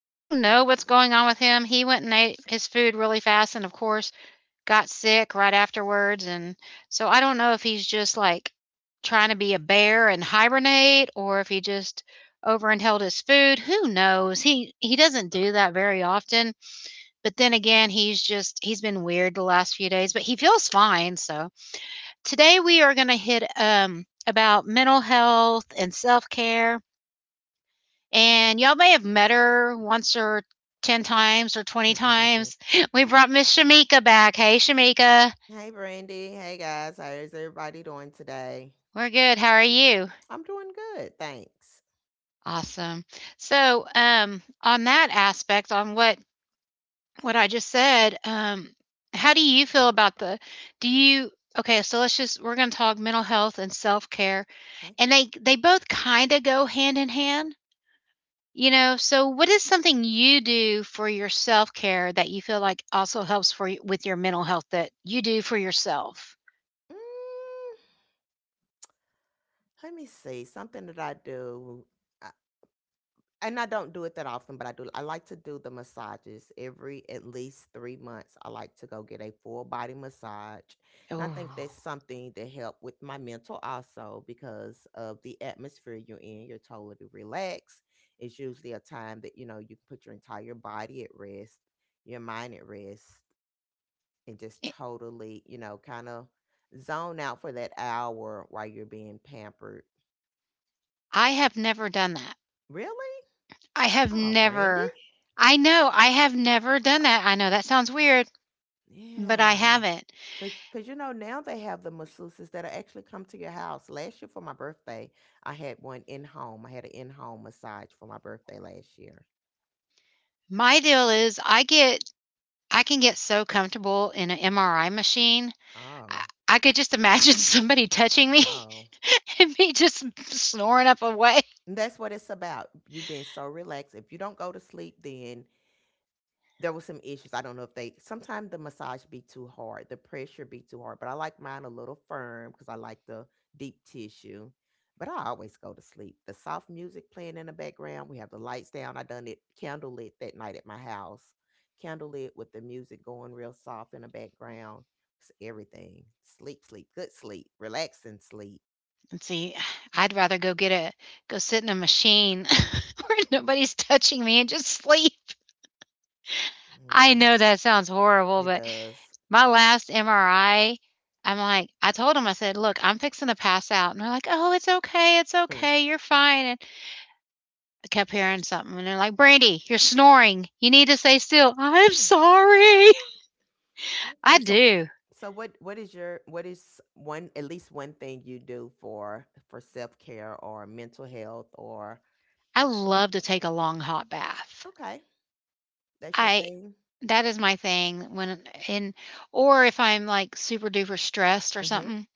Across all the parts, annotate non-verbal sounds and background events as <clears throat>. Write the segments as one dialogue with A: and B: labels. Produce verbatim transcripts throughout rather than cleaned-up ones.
A: I don't know what's going on with him. He went and ate his food really fast and of course got sick right afterwards and so I don't know if he's just like trying to be a bear and hibernate or if he just overindulged his food. Who knows? He he doesn't do that very often. But then again, he's just he's been weird the last few days, but he feels fine, so today we are going to hit um about mental health and self-care, and y'all may have met her once or ten times or twenty times.
B: <laughs>
A: <laughs> We brought Miss Shamika back. Hey, Shamika.
B: Hey, Brandy. Hey, guys. How is everybody doing today?
A: We're good. How are you?
B: I'm doing good. Thanks.
A: Awesome. So, um, on that aspect, on what what I just said, um, how do you feel about the? Do you Okay? So let's just we're going to talk mental health and self care,
B: Okay.
A: and they they both kind of go hand in hand. You know, so what is something you do for your self-care that you feel like also helps for y with your mental health that you do for yourself?
B: Mm, let me see. Something that I do. I, and I don't do it that often, but I do. I like to do the massages every at least three months. I like to go get a full body massage, and I think
A: Oh,
B: that's something that help with my mental also because of the atmosphere you're in. You're totally relaxed. It's usually a time that you know you can put your entire body at rest, your mind at rest, and just
A: eh,
B: totally you know kind of zone out for that hour while you're being pampered.
A: I have never done that.
B: Really?
A: I have
B: Oh,
A: never
B: Randy?
A: I know, I have never done that. I know that sounds weird, but I
B: Yeah.
A: haven't.
B: Cause, cause you know now they have the masseuses that actually come to your house. Last year for my birthday, I had one in home. I had an in home massage for my birthday last year.
A: My deal is I get I can get so comfortable in an M R I machine. I
B: Oh,
A: I could just imagine <laughs> somebody touching me
B: wow!
A: <laughs> and me just snoring up away.
B: And that's what it's about. You have been so relaxed. If you don't go to sleep, then there was some issues. I don't know if they sometimes the massage be too hard, the pressure be too hard, but I like mine a little firm because I like the deep tissue. But I always go to sleep. The soft music playing in the background. We have the lights down. I done it candle lit that night at my house. Candle lit with the music going real soft in the background. It's everything. Sleep, sleep, good sleep, relaxing sleep.
A: And see, I'd rather go get a go sit in a machine <laughs> where nobody's touching me and just sleep. I
B: Mm,
A: know that sounds horrible,
B: it
A: but
B: does.
A: my last M R I, I'm like, I told him, I said, look, I'm fixing to pass out. And they're like, oh, it's okay. It's okay. You're fine. And I kept hearing something. And they're like, Brandy, you're snoring. You need to stay still. I'm
B: <laughs>
A: sorry. <laughs> I
B: Okay, so
A: do.
B: wh- so what what is your what is one at least one thing you do for for self care or mental health or
A: I love to take a long hot bath.
B: okay, that's your
A: I
B: thing.
A: That is my thing when in, or if I'm, like, super duper stressed or
B: Mhm.
A: something,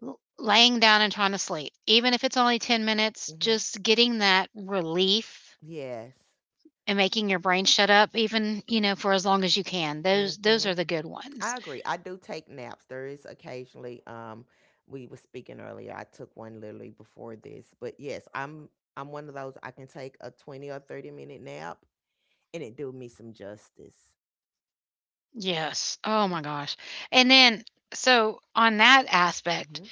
A: l laying down and trying to sleep. Even if it's only ten minutes,
B: Mhm.
A: just getting that relief
B: Yes.
A: and making your brain shut up even, you know, for as long as you can. Those those are
B: Mhm.
A: the good ones.
B: I agree. I do take naps. There is occasionally um we were speaking earlier. I took one literally before this, but yes, I'm I'm one of those I can take a twenty or thirty minute nap and it do me some justice.
A: Yes. Oh my gosh. And then so on that aspect,
B: Mhm.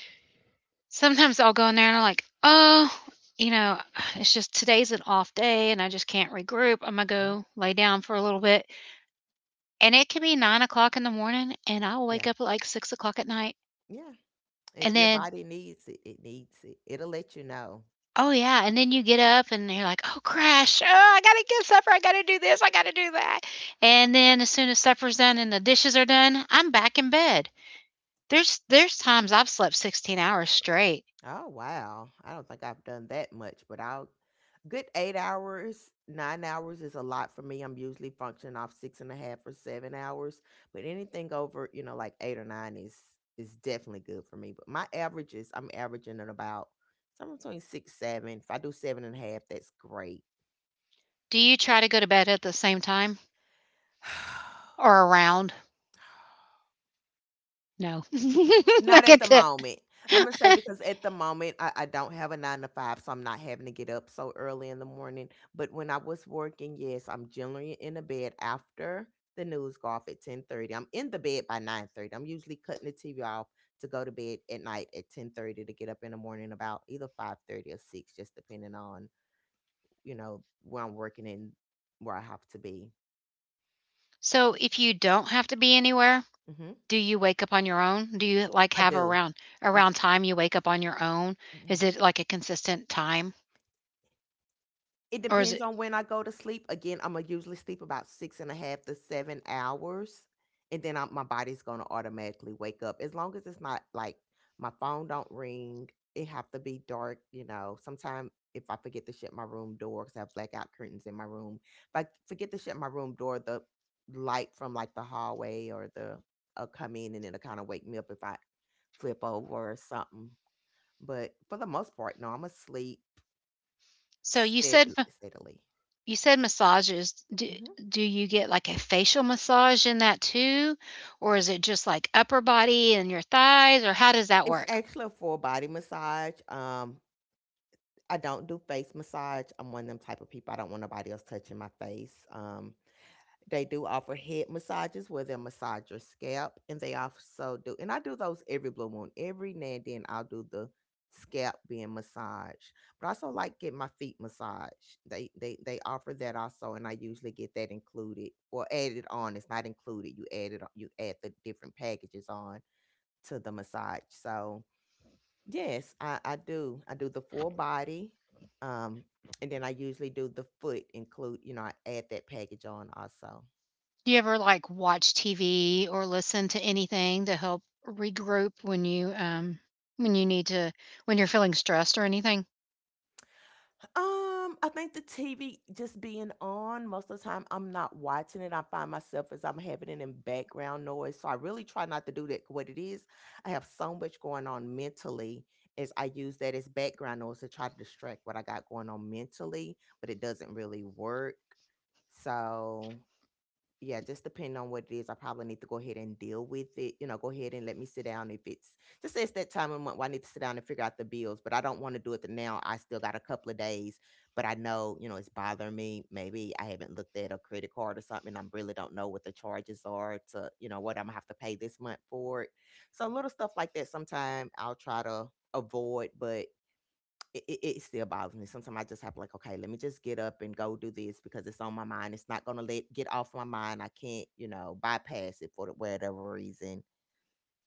A: sometimes I'll go in there and I'm like, "Oh, you know, it's just today's an off day and I just can't regroup. Imma
B: Mhm.
A: go lay down for a little bit." And it can be nine o'clock in the morning, and I'll
B: Yeah.
A: wake up at, like, six o'clock at night,
B: Yeah.
A: and
B: If your
A: then
B: body needs it, it needs it. It'll let you know.
A: oh, yeah, and then you get up and you're like, "Oh, crash. Oh, I gotta get supper. I gotta do this. I gotta do that." And then as soon as supper's done and the dishes are done, I'm back in bed. There's there's times I've slept sixteen hours straight.
B: Oh wow. I don't think I've done that much, but I'll good eight hours, nine hours is a lot for me. I'm usually functioning off six and a half or seven hours. But anything over, you know, like eight or nine is is definitely good for me. But my averages, I'm averaging at about somewhere between six, seven. If I do seven and a half, that's great.
A: Do you try to go to bed at the same time
B: <sighs>
A: or around? No. <laughs> I
B: Not at the
A: get that.
B: moment. I'm gonna say because at the moment I, I don't have a nine to five, so I'm not having to get up so early in the morning. But when I was working, yes, I'm generally in the bed after the news go off at ten thirty. I'm in the bed by nine thirty. I'm usually cutting the T V off to go to bed at night at ten thirty to get up in the morning about either five thirty or six, just depending on you know where I'm working and where I have to be.
A: So, if you don't have to be anywhere,
B: Hmm.
A: do you wake up on your own? Do you, like,
B: I
A: have
B: do.
A: around around time you wake up on your own? Is it, like, a consistent time?
B: It
A: Or is
B: depends
A: it
B: on when I go to sleep. Again, I'ma usually sleep about six and a half to seven hours, and then I my body's gonna automatically wake up, as long as it's not, like, my phone don't ring, it have to be dark, you know, sometimes if I forget to shut my room door 'cause I have blackout curtains in my room, if I forget to shut my room door, the light from, like, the hallway or the uh, come in and it'll kinda wake me up if I flip over or something, but for the most part, no, Imma sleep
A: so you
B: stead
A: said ma
B: steadily.
A: you said massages. Do
B: Mhm.
A: do you get, like, a facial massage in that too? Or is it just, like, upper body and your thighs, or how does that
B: It's
A: work?
B: actually a full body massage. Um, I don't do face massage. I'm one of them type of people. I don't want nobody else touching my face. Um, they do offer head massages where they'll massage your scalp, and they also do. And I do those every blue moon. Every now and then, I'll do the scalp being massaged, but I also like get my feet massaged. They they they offer that also, and I usually get that included or added on. It's not included. You add You add the different packages on to the massage. So yes, I, I do. I do the full body. Um, and then I usually do the foot include, you know, I add that package on also.
A: Do you ever, like, watch T V or listen to anything to help regroup when you, um when you need to when you're feeling stressed or anything?
B: Um, I think the T V just being on most of the time, I'm not watching it. I find myself as I'm having it in background noise. So I really try not to do that. What it is, I have so much going on mentally is I use that as background noise to try to distract what I got going on mentally, but it doesn't really work. So yeah, just depending on what it is, I probably need to go ahead and deal with it. You know, go ahead and let me sit down if it's just it's that time of month where I need to sit down and figure out the bills, but I don't want to do it the now. I still got a couple of days, but I know, you know, it's bothering me. Maybe I haven't looked at a credit card or something. I really don't know what the charges are to, you know, what I'm gonna have to pay this month for it. So little stuff like that sometime I'll try to avoid, but it, it, it still bothers me. Sometimes I just have to, like, okay, let me just get up and go do this because it's on my mind. It's not gonna let get off my mind. I can't, you know, bypass it for the- whatever reason.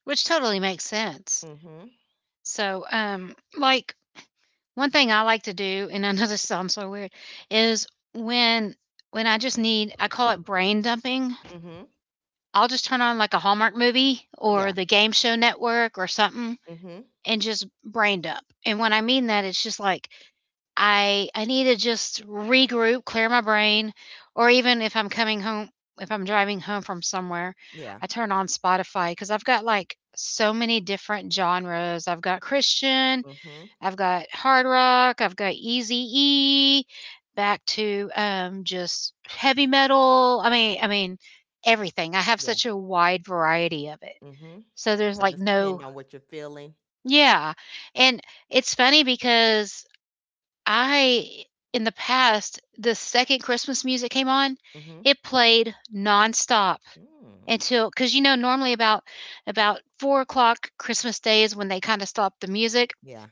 A: Which totally makes sense.
B: Mhm.
A: So, um, like, one thing I like to do, and I know <laughs> this sounds so weird, is when when I just need I call it brain dumping.
B: Mhm.
A: I'll just turn on like a Hallmark movie or
B: Yeah.
A: the Game Show Network or something
B: Mhm.
A: and just brain dump. And when I mean that, it's just like I I need to just regroup, clear my brain, or even if I'm coming home, if I'm driving home from somewhere,
B: Yeah.
A: I turn on Spotify because I've got like so many different genres. I've got Christian,
B: Mhm.
A: I've got hard rock, I've got Eazy-E, back to, um, just heavy metal. I mean I mean, everything. I have
B: Yeah.
A: such a wide variety of it.
B: Mhm.
A: So there's,
B: It
A: like,
B: just depend
A: no.
B: on what you're feeling.
A: Yeah, and it's funny because I in the past, the second Christmas music came on,
B: Mhm.
A: it played nonstop
B: Mm.
A: until, because you know, normally about about four o'clock Christmas Day is when they kinda stop the music.
B: Yeah.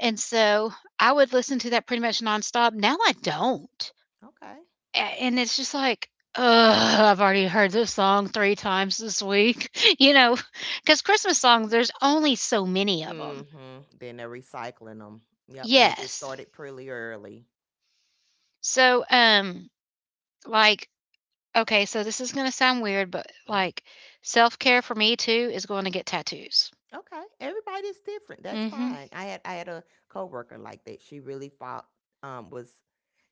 A: And so I would listen to that pretty much nonstop. Now I don't.
B: Okay.
A: A- And it's just like, ugh, I've already heard this song three times this week, <laughs> you know, because Christmas songs, there's only so many of them.
B: Mhm. Then they're recycling them. Yep. And they get
A: Yes.
B: started pretty early.
A: So, um, like, okay, so this is going to sound weird, but like self care for me too is going to get tattoos.
B: Okay, everybody's different. That's
A: Mm hmm.
B: fine. I had I had a coworker like that. She really fought. Um, was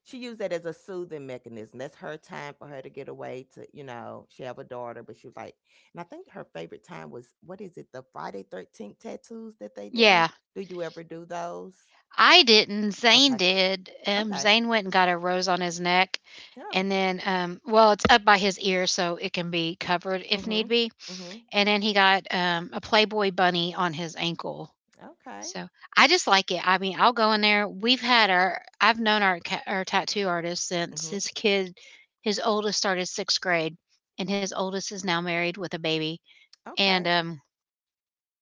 B: she used that as a soothing mechanism? That's her time for her to get away. To you know, she have a daughter, but she was like, and I think her favorite time was what is it? The Friday Thirteenth tattoos that they do.
A: Yeah.
B: Do you ever do those?
A: I didn't. Zane
B: Okay.
A: did. Um,
B: Okay.
A: Zane went and got a rose on his neck,
B: Oh.
A: and then, um, well, it's up by his ear, so it can be covered if need
B: Mhm.
A: be.
B: Mhm.
A: And then he got um, a Playboy bunny on his ankle.
B: Okay.
A: So I just like it. I mean, I'll go in there. We've had our, I've known our ca- our tattoo artist
B: Mhm.
A: since his kid, his oldest started sixth grade, and his oldest is now married with a baby.
B: Okay.
A: And um,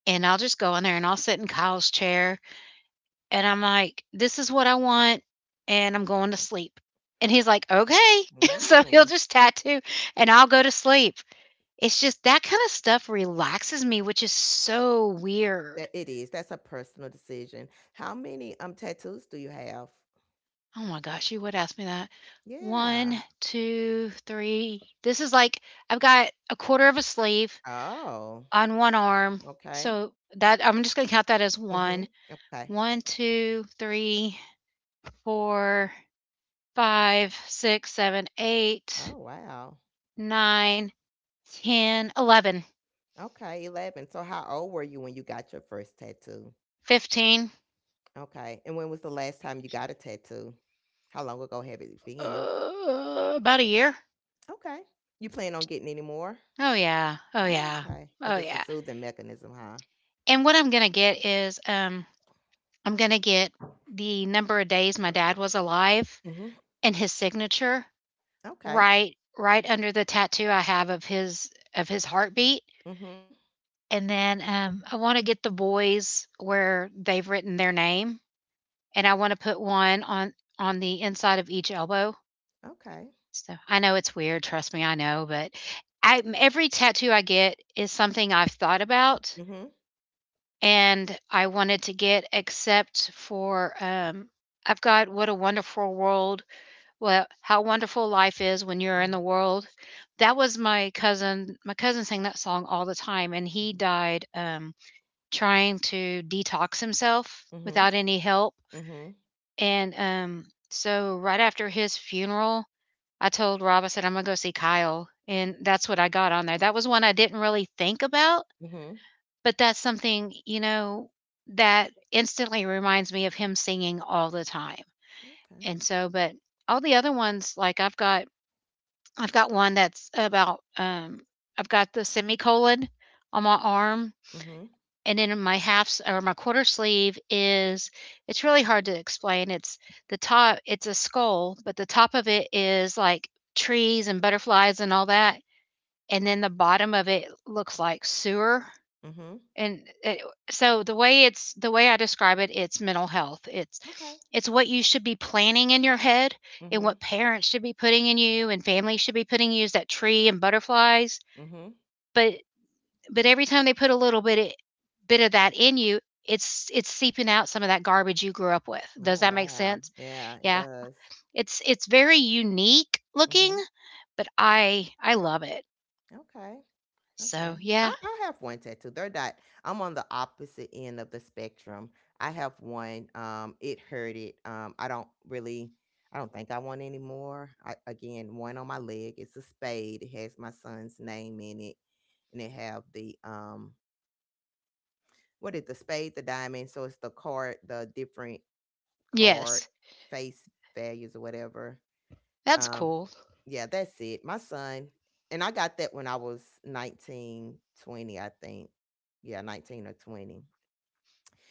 A: and I'll just go in there and I'll sit in Kyle's chair and I'm like, "This is what I want, and I'm going to sleep." And he's like, "Okay." <laughs> So he'll
B: Mm.
A: just tattoo and I'll go to sleep. It's just that kind of stuff relaxes me, which is so
B: That
A: weird.
B: it is. That's a personal decision. How many um tattoos do you have?
A: Oh my gosh, you would ask me that.
B: Yeah.
A: One, two, three. This is like I've got a quarter of a sleeve
B: Oh,
A: on one arm.
B: okay.
A: So that I'm just gonna count that as
B: Mhm.
A: one.
B: Okay.
A: One, two, three, four, five, six, seven,
B: Oh,
A: eight,
B: wow.
A: nine, ten, eleven,
B: Okay, eleven. So how old were you when you got your first tattoo?
A: fifteen,
B: Okay. And when was the last time you got a tattoo? How long ago have it been?
A: uh, about a year.
B: Okay. You plan on getting any more?
A: Oh, yeah. Oh,
B: Oh,
A: yeah.
B: okay. Because
A: Oh,
B: it's a
A: yeah.
B: soothing mechanism, huh?
A: And what I'm going to get is um, I'm going to get the number of days my dad was alive
B: Mhm.
A: and his signature
B: Okay.
A: right right under the tattoo I have of his of his heartbeat
B: Mhm.
A: and then um, I want to get the boys where they've written their name and I want to put one on on the inside of each elbow.
B: Okay.
A: So, I know it's weird, trust me, I know, but I m every tattoo I get is something I've thought about
B: Mhm.
A: and I wanted to get except for, um, I've got "What a Wonderful World" well, "How Wonderful Life Is When You're
B: Mhm.
A: in the World." That was my cousin my cousin sang that song all the time, and he died, um, trying to detox himself
B: Mhm.
A: without any help,
B: Mhm. Mhm.
A: and, um, so right after his funeral, I told Rob, I said, I'm going to go see Kyle. And that's what I got on there. That was one I didn't really think about,
B: Mhm.
A: but that's something, you know, that instantly reminds me of him singing all the time.
B: Okay.
A: And so, but all the other ones, like I've got, I've got one that's about, um, I've got the semicolon on my arm.
B: Mhm.
A: And then in my half or my quarter sleeve is, it's really hard to explain. It's the top, it's a skull, but the top of it is like trees and butterflies and all that, and then the bottom of it looks like sewer
B: Mhm.
A: and it, so the way it's the way I describe it, it's mental health. it's
B: Okay.
A: it's what you should be planning in your head, and
B: Mhm.
A: what parents should be putting in you and family should be putting you is that tree and butterflies,
B: Mhm.
A: but but every time they put a little bit it, bit of that in you, it's it's seeping out some of that garbage you grew up with. Does
B: Oh,
A: that make
B: wow.
A: sense?
B: Yeah, it
A: Yeah,
B: does.
A: it's it's very unique
B: Hmm.
A: looking, but i i love it.
B: Okay. Okay.
A: So yeah.
B: I, I have one tattoo. They're not, I'm on the opposite end of the spectrum. I have one. Um, it hurted. Um, I don't really, I don't think I want any more. I, again, one on my leg. It's a spade. It has my son's name in it. And it have the, um, what is the spade, the diamond. So it's the card, the different card
A: Yes.
B: face values or whatever.
A: That's
B: Um,
A: cool.
B: yeah, that's it. My son, and I got that when I was nineteen, twenty, I think. Yeah, nineteen or twenty.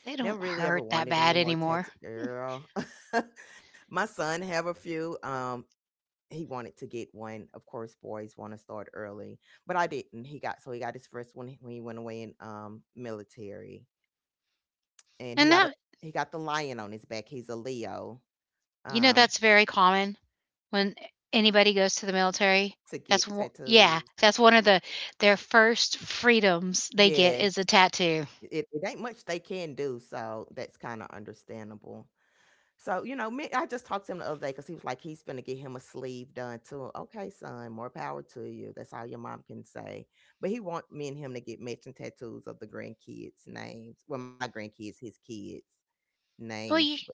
A: They
B: Never
A: don't
B: really ever
A: hurt that
B: wanted
A: bad
B: any more
A: anymore.
B: tattoo. Girl, <laughs> my son have a few. Um, he wanted to get one. Of course, boys want to start early, but I didn't. He got so he got his first one when he went away in um military, and he
A: And
B: got a,
A: that
B: he got the lion on his back. He's a Leo.
A: you know,
B: Um,
A: that's very common when anybody goes to the military.
B: to
A: That's
B: get
A: one
B: tattoos.
A: Yeah, that's one of the their first freedoms they get
B: Yes,
A: is a tattoo.
B: It it ain't much they can do, so that's kinda understandable. So, you know, me I just talked to him the other day because he was like, he's gonna get him a sleeve done too. Okay, son, more power to you. That's all your mom can say. But he want me and him to get matching tattoos of the grandkids' names. Well, my grandkids, his kids'
A: Well,
B: names.
A: you
B: But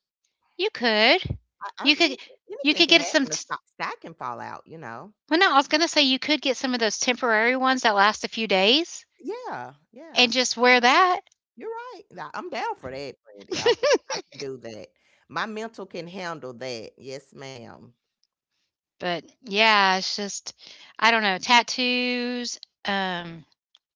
A: you could.
B: I I
A: You
B: mean,
A: could you
B: anything
A: could
B: could
A: get some
B: happen. The
A: t
B: sky sky can fall out, you know?
A: well, no, I was gonna say you could get some of those temporary ones that last a few days
B: Yeah, yeah.
A: and just
B: You're
A: wear
B: right.
A: that.
B: You're right. Now, I'm down for that, Brandy. I can,
A: <laughs>
B: I can do that. My mental can handle that. Yes, madam.
A: But, yeah, it's just I don't know, tattoos, um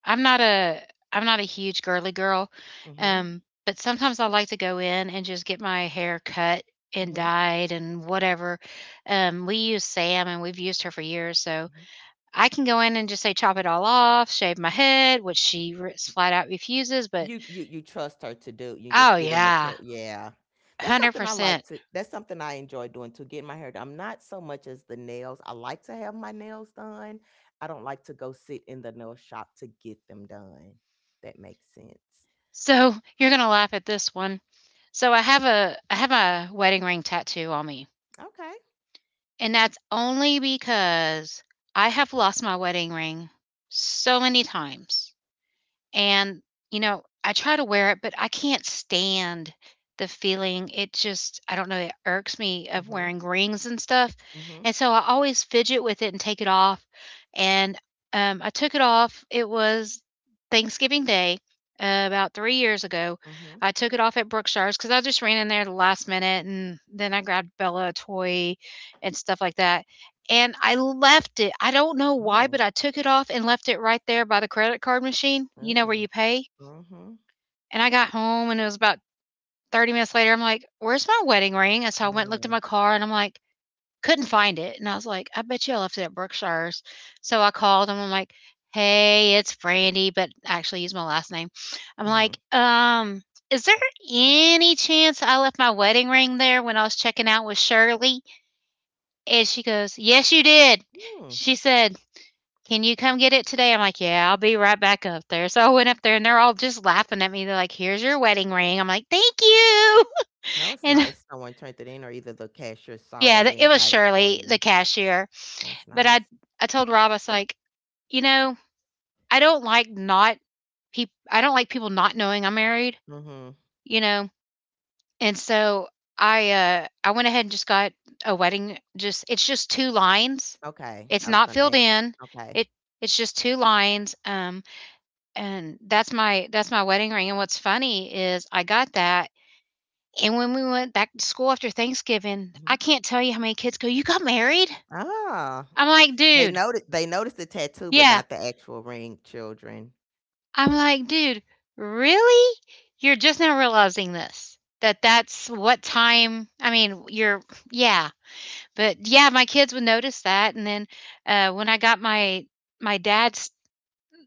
A: I'm not a I'm not a huge girly girl,
B: Mm-hmm.
A: um, but sometimes I like to go in and just get my hair cut and
B: Mm-hmm.
A: dyed and whatever. Um, we use Sam and we've used her for years, so
B: Hmm.
A: I can go in and just say chop it all off, shave my head, which she r- flat out refuses. But
B: You you you trust her to do. You just
A: oh
B: get in the
A: yeah,
B: church. Yeah. That's
A: hundred
B: something I like
A: percent.
B: to that's something I enjoy doing too, getting my hair done. I'm not so much as the nails. I like to have my nails done. I don't like to go sit in the nail shop to get them done. That makes sense.
A: So you're gonna laugh at this one. So I have a I have a wedding ring tattoo on me.
B: Okay.
A: And that's only because I have lost my wedding ring so many times. And, you know, I try to wear it, but I can't stand the feeling. It just, I don't know, it irks me of
B: Mm-hmm.
A: wearing rings and stuff.
B: Mm-hmm.
A: And so I always fidget with it and take it off. And um, I took it off. It was Thanksgiving Day uh, about three years ago.
B: Mm-hmm.
A: I took it off at Brookshire's because I just ran in there the last minute, and then I grabbed Bella a toy and stuff like that. And I left it. I don't know why,
B: Ooh.
A: but I took it off and left it right there by the credit card machine, you know, where
B: Ooh.
A: you pay.
B: Mhm.
A: And I got home, and it was about thirty minutes later. I'm like, where's my wedding ring? And so I went and looked in
B: Mm.
A: my car, and I'm like, couldn't find it. And I was like, I bet you I left it at Brookshire's. So I called them. I'm like, hey, it's Brandy, but actually use my last name. I'm
B: Mhm.
A: like, um, is there any chance I left my wedding ring there when I was checking out with Shirley? And she goes, yes, you did.
B: Mm,
A: She said, "Can you come get it today?" I'm like, "Yeah, I'll be right back up there." So I went up there, and they're all just laughing at me. They're like, "Here's your wedding ring." I'm like, "Thank you."
B: that
A: <laughs>
B: was
A: And
B: nice. Someone turned it in, or either the cashier saw
A: yeah,
B: it
A: th- it
B: and
A: was
B: got it for
A: Shirley,
B: you.
A: the cashier.
B: That was
A: But I
B: nice.
A: I told Rob, I was like, you know, I don't like not people I don't like people not knowing I'm married,
B: Mhm.
A: you know. And so I uh I went ahead and just got a wedding just it's just two lines.
B: Okay,
A: It's
B: I was
A: not
B: gonna
A: filled
B: ask.
A: in.
B: Okay.
A: It it's just two lines. Um And that's my that's my wedding ring, and what's funny is I got that, and when we went back to school after Thanksgiving, I
B: Mhm.
A: can't tell you how many kids go, "You got married?"
B: Ah,
A: I'm like,
B: they
A: "Dude,
B: noted they noticed the tattoo, but
A: yeah."
B: not the actual ring, children.
A: I'm like, "Dude, really? You're just now realizing this, that that's what time I mean, you're yeah." But, yeah, my kids would notice that, and then, uh, when I got my my dad's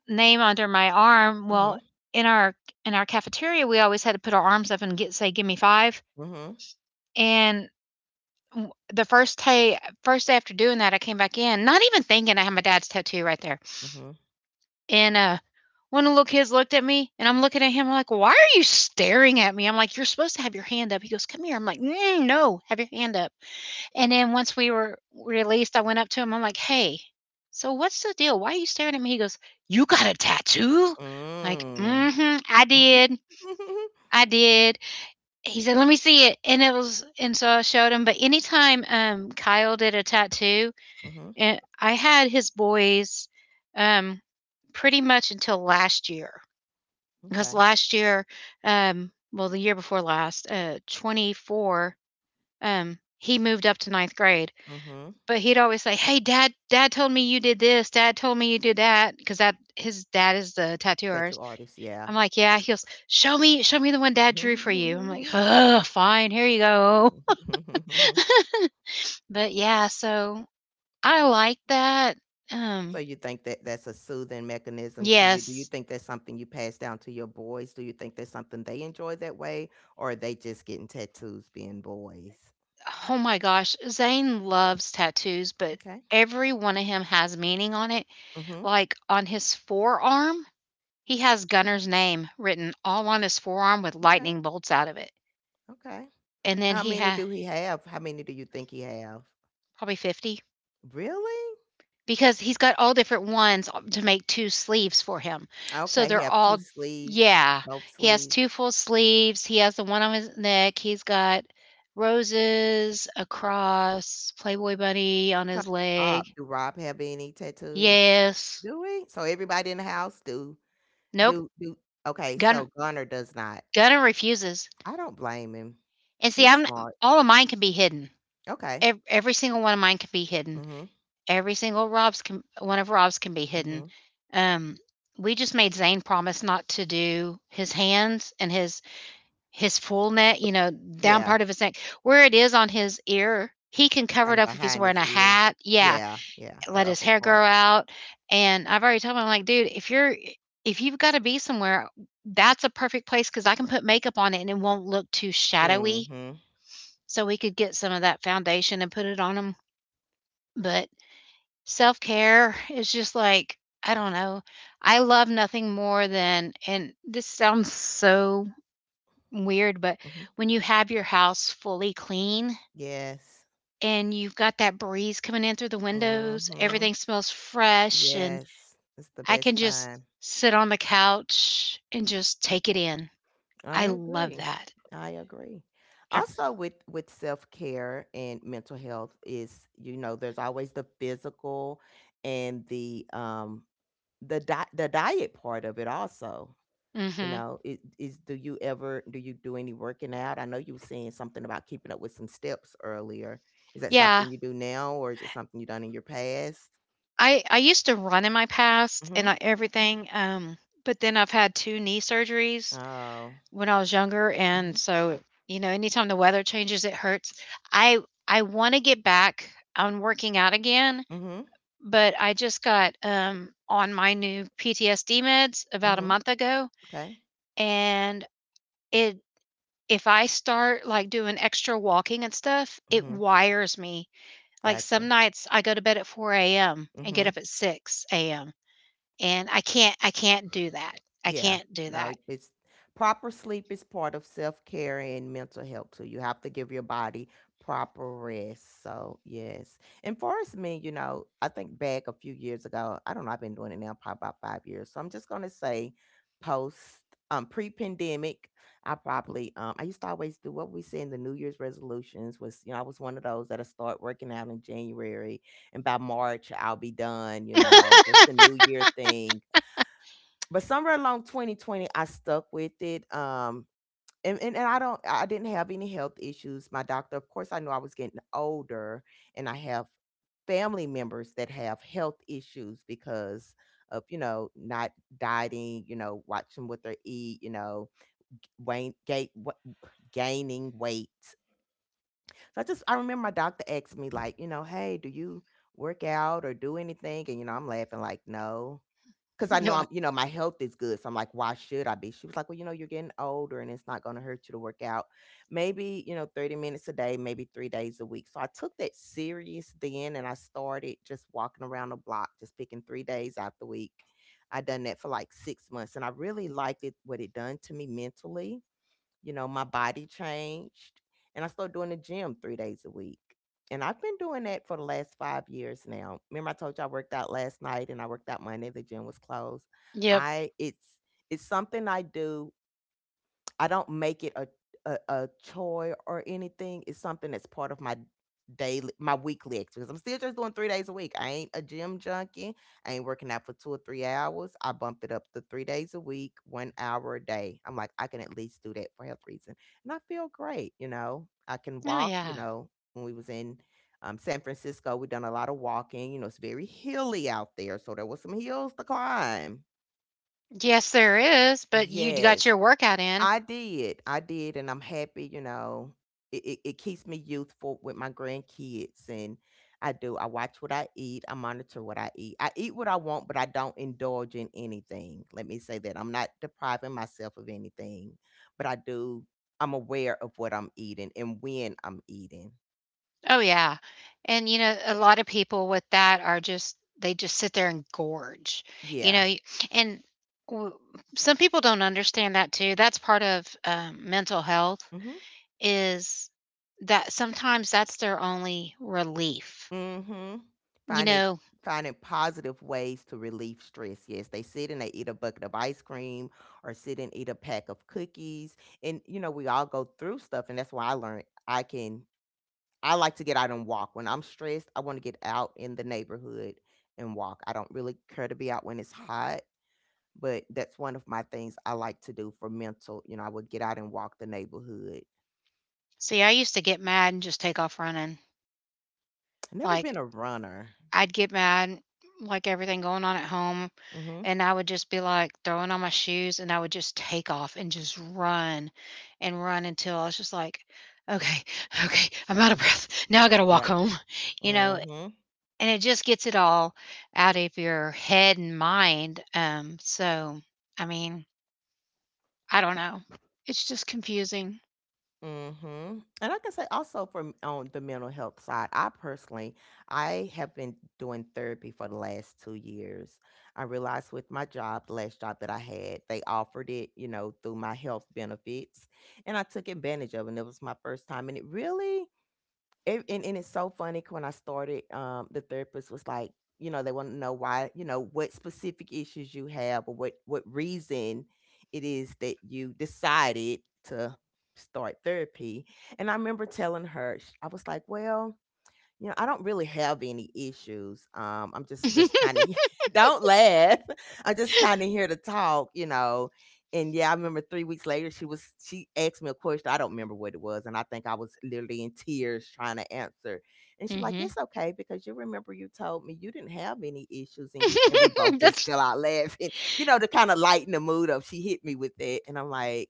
A: name under my arm. Well,
B: Mhm.
A: in our in our cafeteria, we always had to put our arms up and get say, "Gimme five."
B: Mhm.
A: And w the first day first day after doing that, I came back in, not even thinking I had my dad's tattoo right there,
B: Mhm.
A: and, uh, one of the little kids looked at me, and I'm looking at him. I'm like, "Why are you staring at me?" I'm like, "You're supposed to have your hand up." He goes, "Come here." I'm like, "Mm, no, have your hand up." And then once we were released, I went up to him, I'm like, "Hey, so what's the deal? Why are you staring at me?" He goes, "You got a tattoo?" Like,
B: Mm.
A: "Mhm, I
B: Mhm.
A: did, I did." He said, "Let me see it," and it was, and so I showed him. But anytime um, Kyle did a tattoo,
B: Mhm. <laughs>
A: and I had his boys, um, pretty much until last year, because
B: Okay.
A: last year, um, well, the year before last, uh, twenty four, um, he moved up to ninth grade.
B: Mhm.
A: But he'd always say, "Hey, Dad, Dad told me you did this. Dad told me you did that," because that his dad is the
B: Tattoo
A: tattooers.
B: artist, yeah.
A: I'm like, "Yeah." He goes, "Show me, show me the one Dad drew for you." I'm like,
B: <laughs>
A: "Ugh, fine, here you go." <laughs> But yeah, so I like that.
B: So
A: Um,
B: you think that that's a soothing mechanism to you? Do you
A: yes.
B: think that's something you pass down to your boys? Do you think that's something they enjoy that way, or are they just getting tattoos being boys?
A: Oh my gosh, Zane loves tattoos, but
B: Okay.
A: every one of him has meaning on it.
B: Mhm.
A: Like on his forearm, he has Gunner's name written all on his forearm with
B: Okay.
A: lightning bolts out of it.
B: Okay.
A: And then
B: How
A: he
B: many
A: had
B: do he have? How many do you think he have?
A: probably fifty.
B: Really?
A: Because he's got all different ones to make two sleeves for him. So
B: Okay. He
A: they're
B: have two
A: all,
B: sleeves,
A: yeah.
B: both
A: He has
B: sleeves.
A: two full sleeves, he has the one on his neck, he's got roses, a cross, Playboy bunny on
B: So
A: his
B: Rob,
A: leg.
B: do Rob have any tattoos?
A: Yes.
B: Do we? So everybody in the house do
A: Nope.
B: do do. Okay.
A: Gunn
B: So Gunner does not.
A: Gunner refuses.
B: I don't blame him.
A: And see,
B: He's
A: I'm
B: smart.
A: all of mine can be hidden.
B: Okay.
A: Ev Every single one of mine can be hidden.
B: Mhm,
A: Every single Rob's can One of Rob's can be hidden.
B: mhm.
A: Um, we just made Zane promise not to do his hands and his his full neck, you know, down
B: Yeah,
A: part of his neck, where it is on his ear. He can cover it
B: kinda
A: up if he's
B: behind
A: wearing
B: his
A: a
B: ear.
A: hat. Yeah,
B: Yeah, yeah, the
A: let his
B: upper
A: hair
B: part.
A: grow out. And I've already told him, I'm like, dude, if you're if you've got to be somewhere, that's a perfect place because I can put makeup on it and it won't look too shadowy.
B: Mhm,
A: So we could get some of that foundation and put it on him. But self care is just like, I don't know. I love nothing more than, and this sounds so weird, but
B: mhm.
A: when you have your house fully clean
B: Yes.
A: and you've got that breeze coming in through the windows,
B: Mhm.
A: everything smells fresh, and
B: Yes, it's the
A: I
B: best
A: can just
B: time.
A: sit on the couch and just take it in.
B: I
A: I love
B: agree.
A: that.
B: I agree.
A: I,
B: Also with with self-care and mental health is, you know, there's always the physical and the, um, the di the diet part of it also. You
A: hmm.
B: know, is is do you ever do you do any working out? I know you were saying something about keeping up with some steps earlier. Is that
A: Yeah,
B: something you do now, or is it something you done in your past?
A: I I used to run in my past
B: Mm.
A: and I,
B: Mhm.
A: everything, um, but then I've had two knee surgeries
B: Oh.
A: when I was younger, and
B: Mhm.
A: so, you know, anytime the weather changes, it hurts. I I want to get back on working out again,
B: Mhm.
A: but I just got um on my new P T S D meds about a
B: Mhm.
A: month ago,
B: Okay.
A: and it if I start like doing extra walking and stuff,
B: Mm.
A: it
B: Mhm.
A: wires me. Like some
B: Gotcha.
A: nights I go to bed at four a m
B: Mm.
A: and get up
B: Mhm.
A: at six a m, and I can't I can't do that. I
B: Yeah.
A: can't do
B: No,
A: that.
B: it's proper sleep is part of self-care and mental health too. You have to give your body proper rest. So, yes. And for us me, you know, I think back a few years ago, I don't know, I've been doing it now probably about five years. So I'm just gonna say post um pre-pandemic, I probably um I used to always do what we say in the New Year's resolutions was. You know, I was one of those that'll start working out in January and by March I'll be done, you know, just
A: <laughs>
B: the New Year thing. But somewhere along twenty twenty I stuck with it, um and, and, and i don't I didn't have any health issues. My doctor, of course, I knew I was getting older, and I have family members that have health issues because of, you know, not dieting, you know, watching what they eat, you know, gain, gain, gaining weight. So I just I remember my doctor asked me, like, you know, "Hey, do you work out or do anything?" And you know, I'm laughing like, no. 'Cause I know
A: You're
B: I'm,
A: like,
B: you know, my health is good, so I'm like, "Why should I be?" She was like, "Well, you know, you're getting older, and it's not gonna hurt you to work out. Maybe, you know, thirty minutes a day, maybe three days a week." So I took that serious then, and I started just walking around the block, just picking three days out the week. I done that for, like, six months, and I really liked it what it done to me mentally. You know, my body changed, and I started doing the gym three days a week. And I've been doing that for the last five years now. Remember, I told you I worked out last night and I worked out Monday. The gym was closed.
A: yep.
B: I it's it's something I do. I don't make it a a, a chore or anything. It's something that's part of my daily, my weekly exercise. I'm still just doing three days a week. I ain't a gym junkie. I ain't working out for two or three hours. I bumped it up to three days a week, one hour a day. I'm like, I can at least do that for health reason, and I feel great. You know, I can
A: Oh
B: walk. You
A: yeah.
B: know, when we was in Um, San Francisco, we done a lot of walking. You know, it's very hilly out there, so there was some hills to climb.
A: Yes, there is, but you got
B: Yes,
A: your workout in.
B: I did. I did, and I'm happy, you know. It, it, it keeps me youthful with my grandkids, and I do. I watch what I eat. I monitor what I eat. I eat what I want, but I don't indulge in anything. Let me say that. I'm not depriving myself of anything, but I do I'm aware of what I'm eating and when I'm eating.
A: Oh, yeah. And, you know, a lot of people with that are just, they just sit there and gorge, you know,
B: Yeah.
A: y- and w- some people don't understand that too. That's part of um, mental health
B: Mm-hmm.
A: is that sometimes that's their only relief.
B: Mhm.
A: You
B: Finding
A: know,
B: finding positive ways to relieve stress. Yes, they sit and they eat a bucket of ice cream or sit and eat a pack of cookies. And you know, we all go through stuff, and that's why I learned I can I like to get out and walk. When I'm stressed, I want to get out in the neighborhood and walk. I don't really care to be out when it's hot, but that's one of my things I like to do for mental. You know, I would get out and walk the neighborhood.
A: see, I used to get mad and just take off running.
B: I've never been
A: Like,
B: a runner.
A: I'd get mad, like everything going on at home.
B: Mhm.
A: And I would just be like throwing on my shoes, and I would just take off and just run and run until I was just like, okay, <laughs> okay, I'm out of breath. Now I got to walk
B: Yeah.
A: home, <laughs> you know,
B: Mhm.
A: and it just gets it all out of your head and mind. Um, so, I mean, I don't know. It's just confusing.
B: Mhm. And I can say also from on the mental health side, I personally, I have been doing therapy for the last two years. I realized with my job, the last job that I had, they offered it, you know, through my health benefits, and I took advantage of it. And it was my first time, and it really it, and, and it's so funny 'cause when I started, um, the therapist was like, you know, they want to know why, you know, what specific issues you have or what what reason it is that you decided to start therapy. And I remember telling her, sh- I was like, well, you know, I don't really have any issues. Um, I'm just just
A: <laughs>
B: kind of <laughs> don't laugh. I'm just kind of here to talk, you know. And yeah, I remember three weeks later, she was she asked me a question. I don't remember what it was, and I think I was literally in tears trying to answer. And she's like,
A: hmm
B: "It's okay because you remember you told me you didn't have any issues," and you and we
A: <laughs>
B: both just
A: That's,
B: fell out laughing, <laughs> you know, to kind of lighten the mood up. She hit me with that, and I'm like,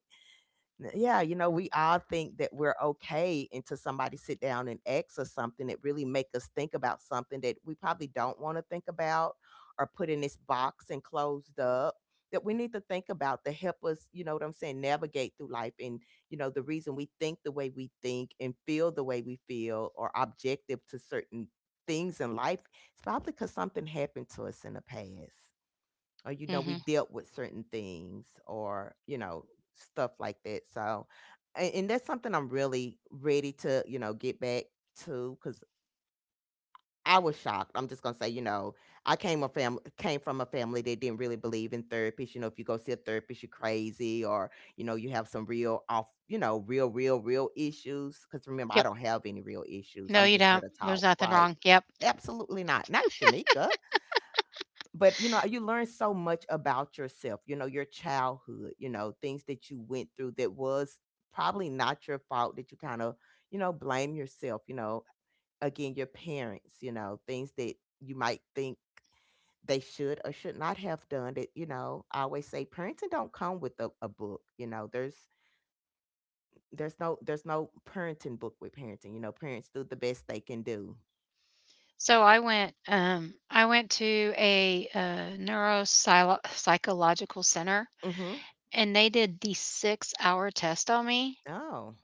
B: N- yeah, you know, we all think that we're okay until somebody sit down and asks us something that really make us think about something that we probably don't want to think about, or put in this box and closed up, that we need to think about to help us, you know what I'm saying, navigate through life. And, you know, the reason we think the way we think and feel the way we feel, or objective to certain things in life, it's probably because something happened to us in the past, or, you know,
A: hmm.
B: we dealt with certain things, or, you know, stuff like that. So, and, and that's something I'm really ready to, you know, get back to. Because I was shocked, I'm just gonna say, you know, i came a family came from a family that didn't really believe in therapists. You know, if you go see a therapist, you're crazy, or, you know, you have some real off, you know, real real real issues. Because, remember, I
A: Yep.
B: don't have any real issues,
A: No,
B: I'm
A: you
B: just here
A: don't.
B: to
A: There's
B: talk,
A: nothing
B: right?
A: wrong. Yep.
B: Absolutely not, not, Shamika. But, you know, you learn so much about yourself, you know, your childhood, you know, things that you went through that was probably not your fault, that you kind of, you know, blame yourself, you know. Again, your parents, you know, things that you might think they should or should not have done, that, you know. I always say parenting don't come with a, a book. You know, there's there's no there's no parenting book with parenting. You know, parents do the best they can do.
A: So I went um I went to a uh neuropsychological center,
B: Mm-hmm.
A: and they did the six hour test on me,
B: Oh,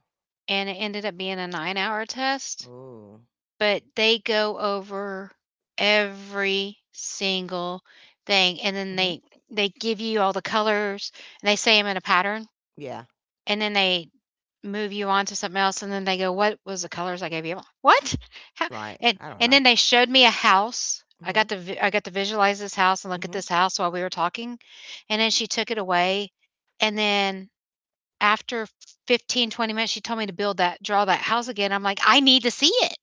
A: and it ended up being a nine hour test,
B: oh,
A: but they go over every single thing, and then
B: mm-hmm.
A: they they give you all the colors and they say them in a pattern,
B: Yeah,
A: and then they move you on to something else, and then they go, what was the colors I gave you? I'm like, what? How?
B: right.
A: and
B: I don't
A: and
B: know.
A: then they showed me a house. I got
B: Mm-hmm.
A: to vi- I got to visualize this house and look at
B: Mm-hmm.
A: this house while we were talking, and then she took it away, and then after fifteen twenty minutes she told me to build that draw that house again. I'm like, I need to see it.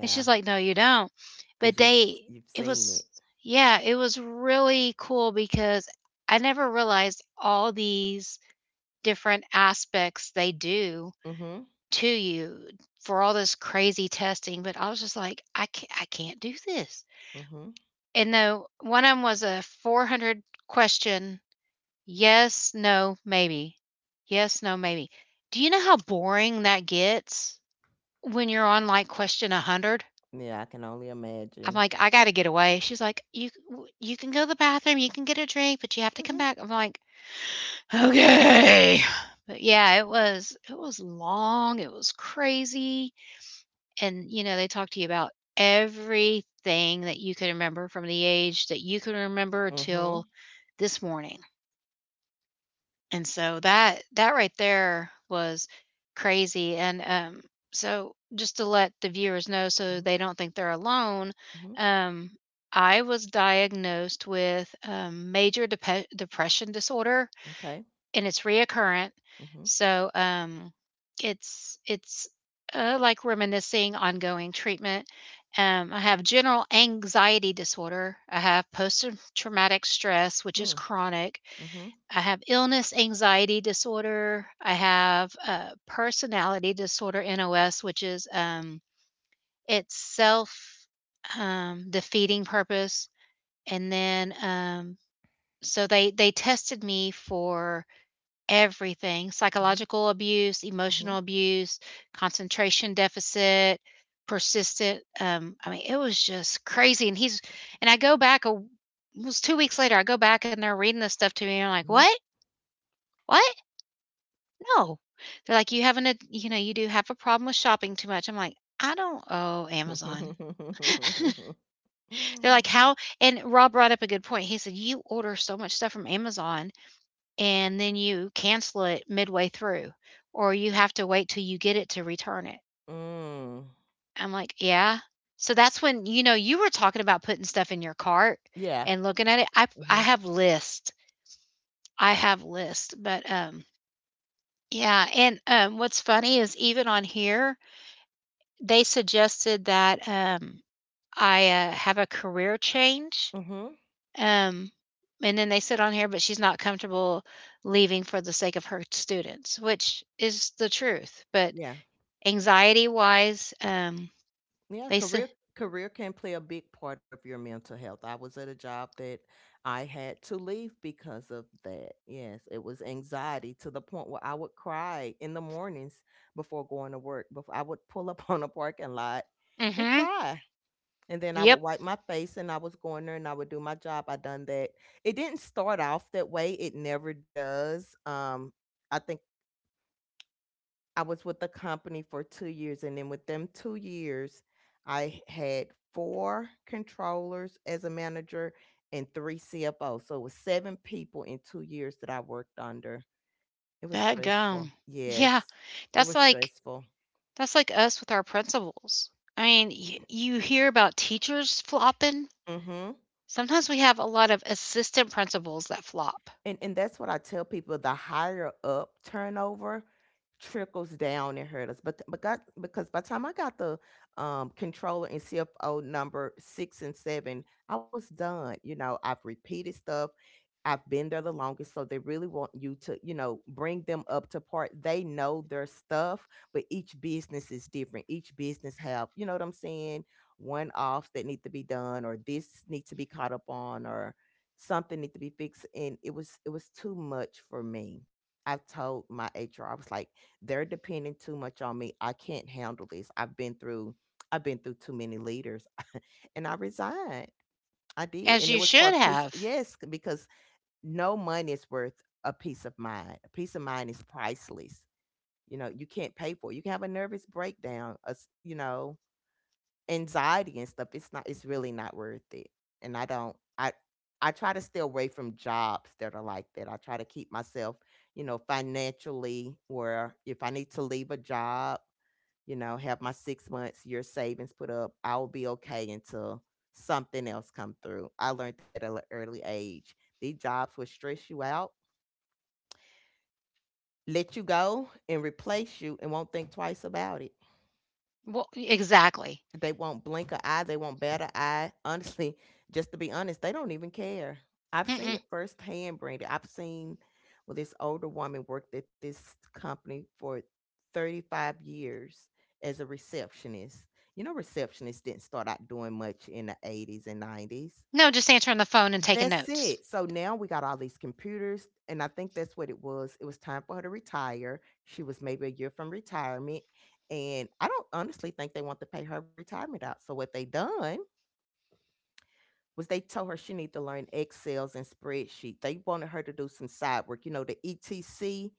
A: And she's like, no you don't.
B: because
A: But
B: 'cause you've s
A: they
B: you've
A: it
B: seen it.
A: was yeah, it was really cool because I never realized all these different aspects they do
B: Mhm,
A: to you for all this crazy testing, but I was just like, I can't, I can't do this.
B: mhm.
A: And no, one of them was a four hundred question yes, no, maybe. Yes, no, maybe. Do you know how boring that gets when you're on like question a hundred?
B: Yeah, I can only
A: I'm
B: imagine.
A: like, I got to get away. She's like, you you can go to the bathroom, you can get a drink, but you have to come
B: Mhm,
A: back. I'm like, okay. But yeah, it was it was long. It was crazy. And, you know, they talk to you about everything that you can remember from the age that you can remember till
B: mhm,
A: this morning. And so that that right there was crazy. And um, so just to let the viewers know, so
B: mhm,
A: they don't think they're alone,
B: mhm,
A: um, I was diagnosed with um, major dep- depression disorder,
B: m'kay,
A: and it's reoccurrent.
B: mhm,
A: So, um, it's it's, uh, like reminiscing ongoing treatment. Um, I have general anxiety disorder. I have post traumatic stress, which is
B: hmm,
A: chronic.
B: mhm,
A: I have illness anxiety disorder. I have, uh, personality disorder, N O S, which is, um, it's self, um, defeating purpose. And then, um, so they they tested me for everything:
B: mhm,
A: psychological abuse, emotional
B: mhm,
A: abuse, concentration deficit, persistent, um, I mean, it was just crazy. And he's and I go back a it was two weeks later, I go back and they're reading this stuff to me, and I'm like,
B: mhm.
A: "What? What? No." They're like, "You have an ad you know, you do have a problem with shopping too much." I'm like, "I don't owe Amazon." <laughs>
B: <laughs>
A: They're like, "How—" and Rob brought up a good point. He said, "You order so much stuff from Amazon and then you cancel it midway through, or you have to wait till you get it to return it."
B: Mm,
A: I'm like, yeah. So that's when, you know, you were talking about putting stuff in your cart
B: yeah,
A: and looking at it. I I
B: mhm,
A: have lists. I have lists, but um yeah. And um what's funny is even on here they suggested that um I uh, have a career change.
B: mhm,
A: Um and then they said on here, but she's not comfortable leaving for the sake of her students, which is the truth. But
B: yeah.
A: Anxiety wise, um,
B: Yeah,
A: they say.
B: career career can play a big part of your mental health. I was at a job that I had to leave because of that. Yes, it was anxiety to the point where I would cry in the mornings before going to work. Before I would pull up <laughs> on a parking lot and
A: Mhm.
B: cry. And then I would
A: Yep.
B: wipe my face, and I was going there, and I would do my job. I done that. It didn't start off that way. It never does. Um I think I was with the company for two years, and then with them two years, I had four controllers as a manager and three C F Os. So it was seven people in two years that I worked under. It was
A: That
B: stressful.
A: gum.
B: Yes.
A: Yeah.
B: It
A: That's
B: was
A: like—
B: stressful.
A: that's like us with our principals. I mean, y
B: <clears throat>
A: you hear about teachers flopping.
B: Mhm.
A: Sometimes we have a lot of assistant principals that flop.
B: And and that's what I tell people, the higher up turnover trickles down and hurt us. But but got because by the time I got the um controller and C F O number six and seven, I was done. You know, I've repeated stuff. I've been there the longest, so they really want you to, you know, bring them up to part. They know their stuff, but each business is different. Each business have, you know what I'm saying, one offs that need to be done, or this need to be caught up on, or something need to be fixed. And it was it was too much for me. I told my H R, I was like, they're depending too much on me. I can't handle this. I've been through I've been through too many leaders, <laughs> and I resigned. I did,
A: As
B: and
A: you
B: it was for
A: should
B: a piece.
A: have.
B: Yes, because no money is worth a peace of mind. A peace of mind is priceless. You know, you can't pay for it. You can have a nervous breakdown, a s you know, anxiety and stuff. It's not, it's really not worth it. And I don't, I, I try to stay away from jobs that are like that. I try to keep myself, you know, financially where if I need to leave a job, you know, have my six months, year savings put up, I will be okay until something else come through. I learned that at an early age. These jobs will stress you out, let you go and replace you and won't think twice about it.
A: Well, exactly.
B: They won't blink an eye, they won't bat an eye. <laughs> Honestly, just to be honest, they don't even care. I've seen
A: Mm-mm.
B: it firsthand, Brandy. I've seen Well, this older woman worked at this company for thirty-five years as a receptionist. You know, receptionists didn't start out doing much in the eighties and nineties.
A: No, just answering the phone and taking
B: That's
A: notes.
B: it. So now we got all these computers, and I think that's what it was. It was time for her to retire. She was maybe a year from retirement, and I don't honestly think they want to pay her retirement out. So what they done was they told her she need to learn Excel's and spreadsheet. They wanted her to do some side work, you know, the E T C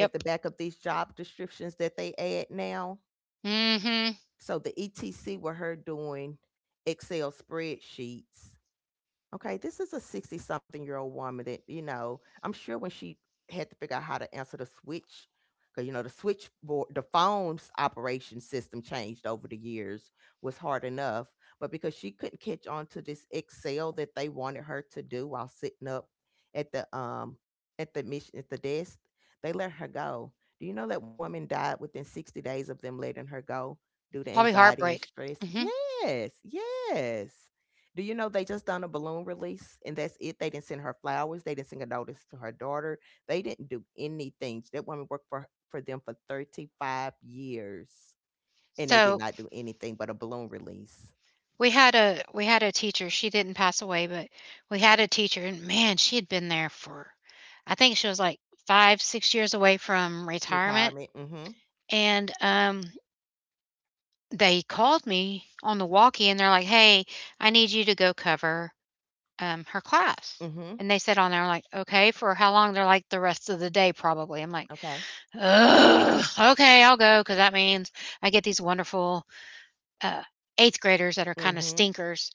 B: at the back of these job descriptions that they add now.
A: Mhm.
B: So the E T C were her doing Excel spreadsheets. Okay, this is a sixty something year old woman that, you know, I'm sure when she had to figure out how to answer the switch, because, you know, the switchboard, the phone's operation system changed over the years, was hard enough. But because she couldn't catch on to this Excel that they wanted her to do while sitting up at the, um, at the mission, at the desk, they let her go. Do you know that woman died within sixty days of them letting her go due to
A: Probably
B: anxiety and
A: heartbreak.
B: stress?
A: Mhm.
B: Yes, yes. Do you know they just done a balloon release and that's it? They didn't send her flowers. They didn't send a notice to her daughter. They didn't do anything. That woman worked for for them for thirty-five years, and they did
A: So
B: not do anything but a balloon release.
A: We had a we had a teacher. She didn't pass away, but we had a teacher, and man, she had been there for, I think she was like five, six years away from retirement.
B: Retirement. Mm-hmm.
A: And um, they called me on the walkie, and they're like, "Hey, I need you to go cover um, her class."
B: Mm-hmm.
A: And they said on there like, "Okay, for how long?" They're like, "The rest of the day, probably." I'm like,
B: Okay.
A: "Ugh, okay, I'll go," because that means I get these wonderful uh, eighth graders that are kind of
B: Mm-hmm.
A: stinkers.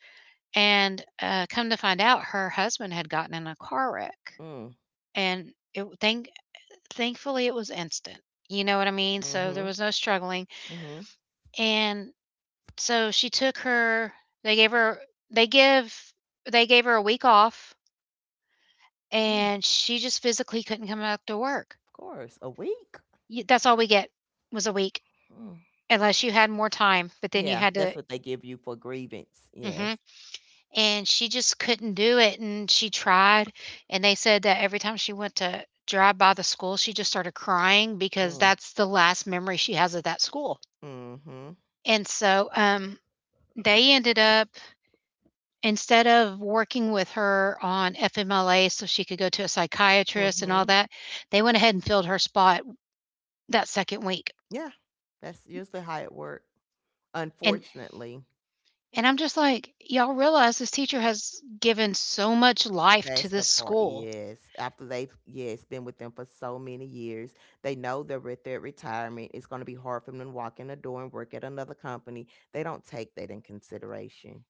A: And, uh, come to find out, her husband had gotten in a car wreck,
B: Mm.
A: and it thank thankfully, it was instant, you know what I mean? So, there
B: Mm-hmm.
A: was no struggling,
B: Mm-hmm.
A: and so she took her they gave her they give they gave her a week off,
B: Mm.
A: and she just physically couldn't come back to work.
B: Of course. A week.
A: Y That's all we get was a week,
B: Mm.
A: unless you had more time, but then you
B: Yeah,
A: had
B: that's
A: to—
B: what they give you for grievance. Yes.
A: mhm. And she just couldn't do it, and she tried, and they said that every time she went to drive by the school, she just started crying, because
B: Mm.
A: that's the last memory she has of that school.
B: Mm-hmm.
A: And so um they ended up, instead of working with her on F M L A so she could go to a psychiatrist and
B: Mm-hmm.
A: all that, they went ahead and filled her spot that second week.
B: Yeah. That's usually how it works.
A: and
B: Unfortunately.
A: and I'm just like, y'all realize this teacher has given so much life to
B: That's the
A: this
B: part,
A: school.
B: yes. After they've, yes, been with them for so many years, they know they're at their retirement. It's gonna be hard for them to walk in the door and work at another company. They don't take that in consideration.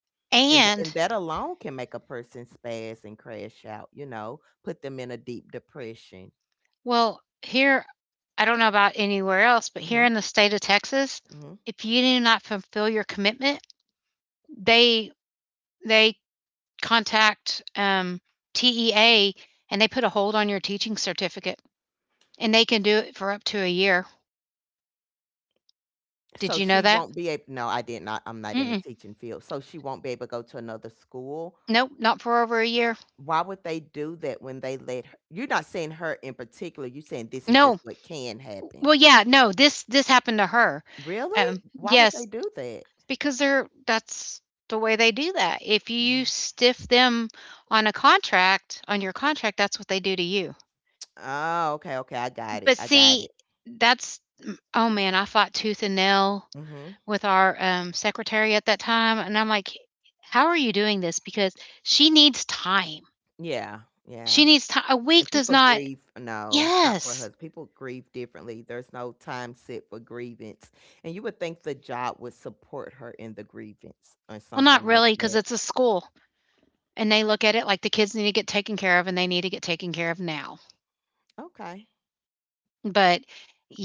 B: And th- and
A: And
B: that alone can make a person spaz and crash out, you know, put them in a deep depression.
A: well, here, I don't know about anywhere else, but here
B: Hmm.
A: in the state of Texas,
B: Hmm.
A: if you do not fulfill your commitment, they they contact um, T E A, and they put a hold on your teaching certificate, and they can do it for up to a year. Did
B: So
A: you know
B: she
A: that?
B: won't be able, no, I did not I'm not in the
A: Mm-mm.
B: teaching field. So she won't be able to go to another school.
A: Nope, not for over a year.
B: Why would they do that when they let her, you're not saying her in particular, you're saying this is just
A: No.
B: what can happen.
A: Well, yeah, no. This this happened to her.
B: Really?
A: Um,
B: Why would they
A: yes.
B: do that?
A: Because they're That's the way they do that. If you
B: Mm.
A: stiff them on a contract on your contract, that's what they do to you.
B: Oh, okay, okay, I got it,
A: But
B: I got
A: see,
B: it.
A: that's— mm, oh man, I fought tooth and nail
B: Mhm.
A: with our, um, secretary at that time, and I'm like, "How are you doing this? Because she needs time."
B: Yeah, yeah,
A: She needs time. A week
B: and
A: does
B: people
A: not—
B: grieve, no, not for a
A: Yes.
B: husband. People grieve differently. There's no time set for grievance, and you would think the job would support her in the grievance or
A: well, not
B: something like
A: really, because
B: that.
A: it's a school, and they look at it like the kids need to get taken care of, and they need to get taken care of now.
B: Okay.
A: But,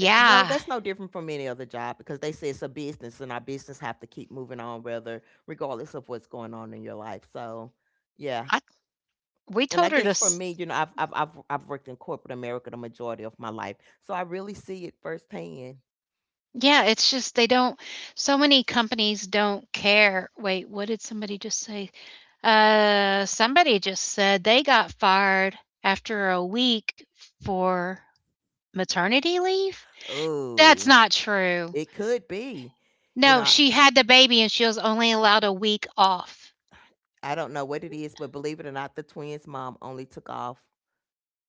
B: And and no, that's no different from any other job because they say it's a business and our business have to keep moving on rather regardless of what's going on in your life. So, yeah.
A: I We
B: And
A: told
B: I
A: her to
B: guess for
A: s
B: me, you know, I've I've I've I've worked in corporate America the majority of my life. So I really see it firsthand.
A: yeah, it's just they don't— so many companies don't care. Wait, what did somebody just say? Uh, somebody just said they got fired after a week for maternity leave? That's
B: Oh,
A: not true.
B: it could be. You
A: No,
B: know,
A: she had the baby and she was only allowed a week off.
B: I don't know what it is, but believe it or not, the twins' mom only took off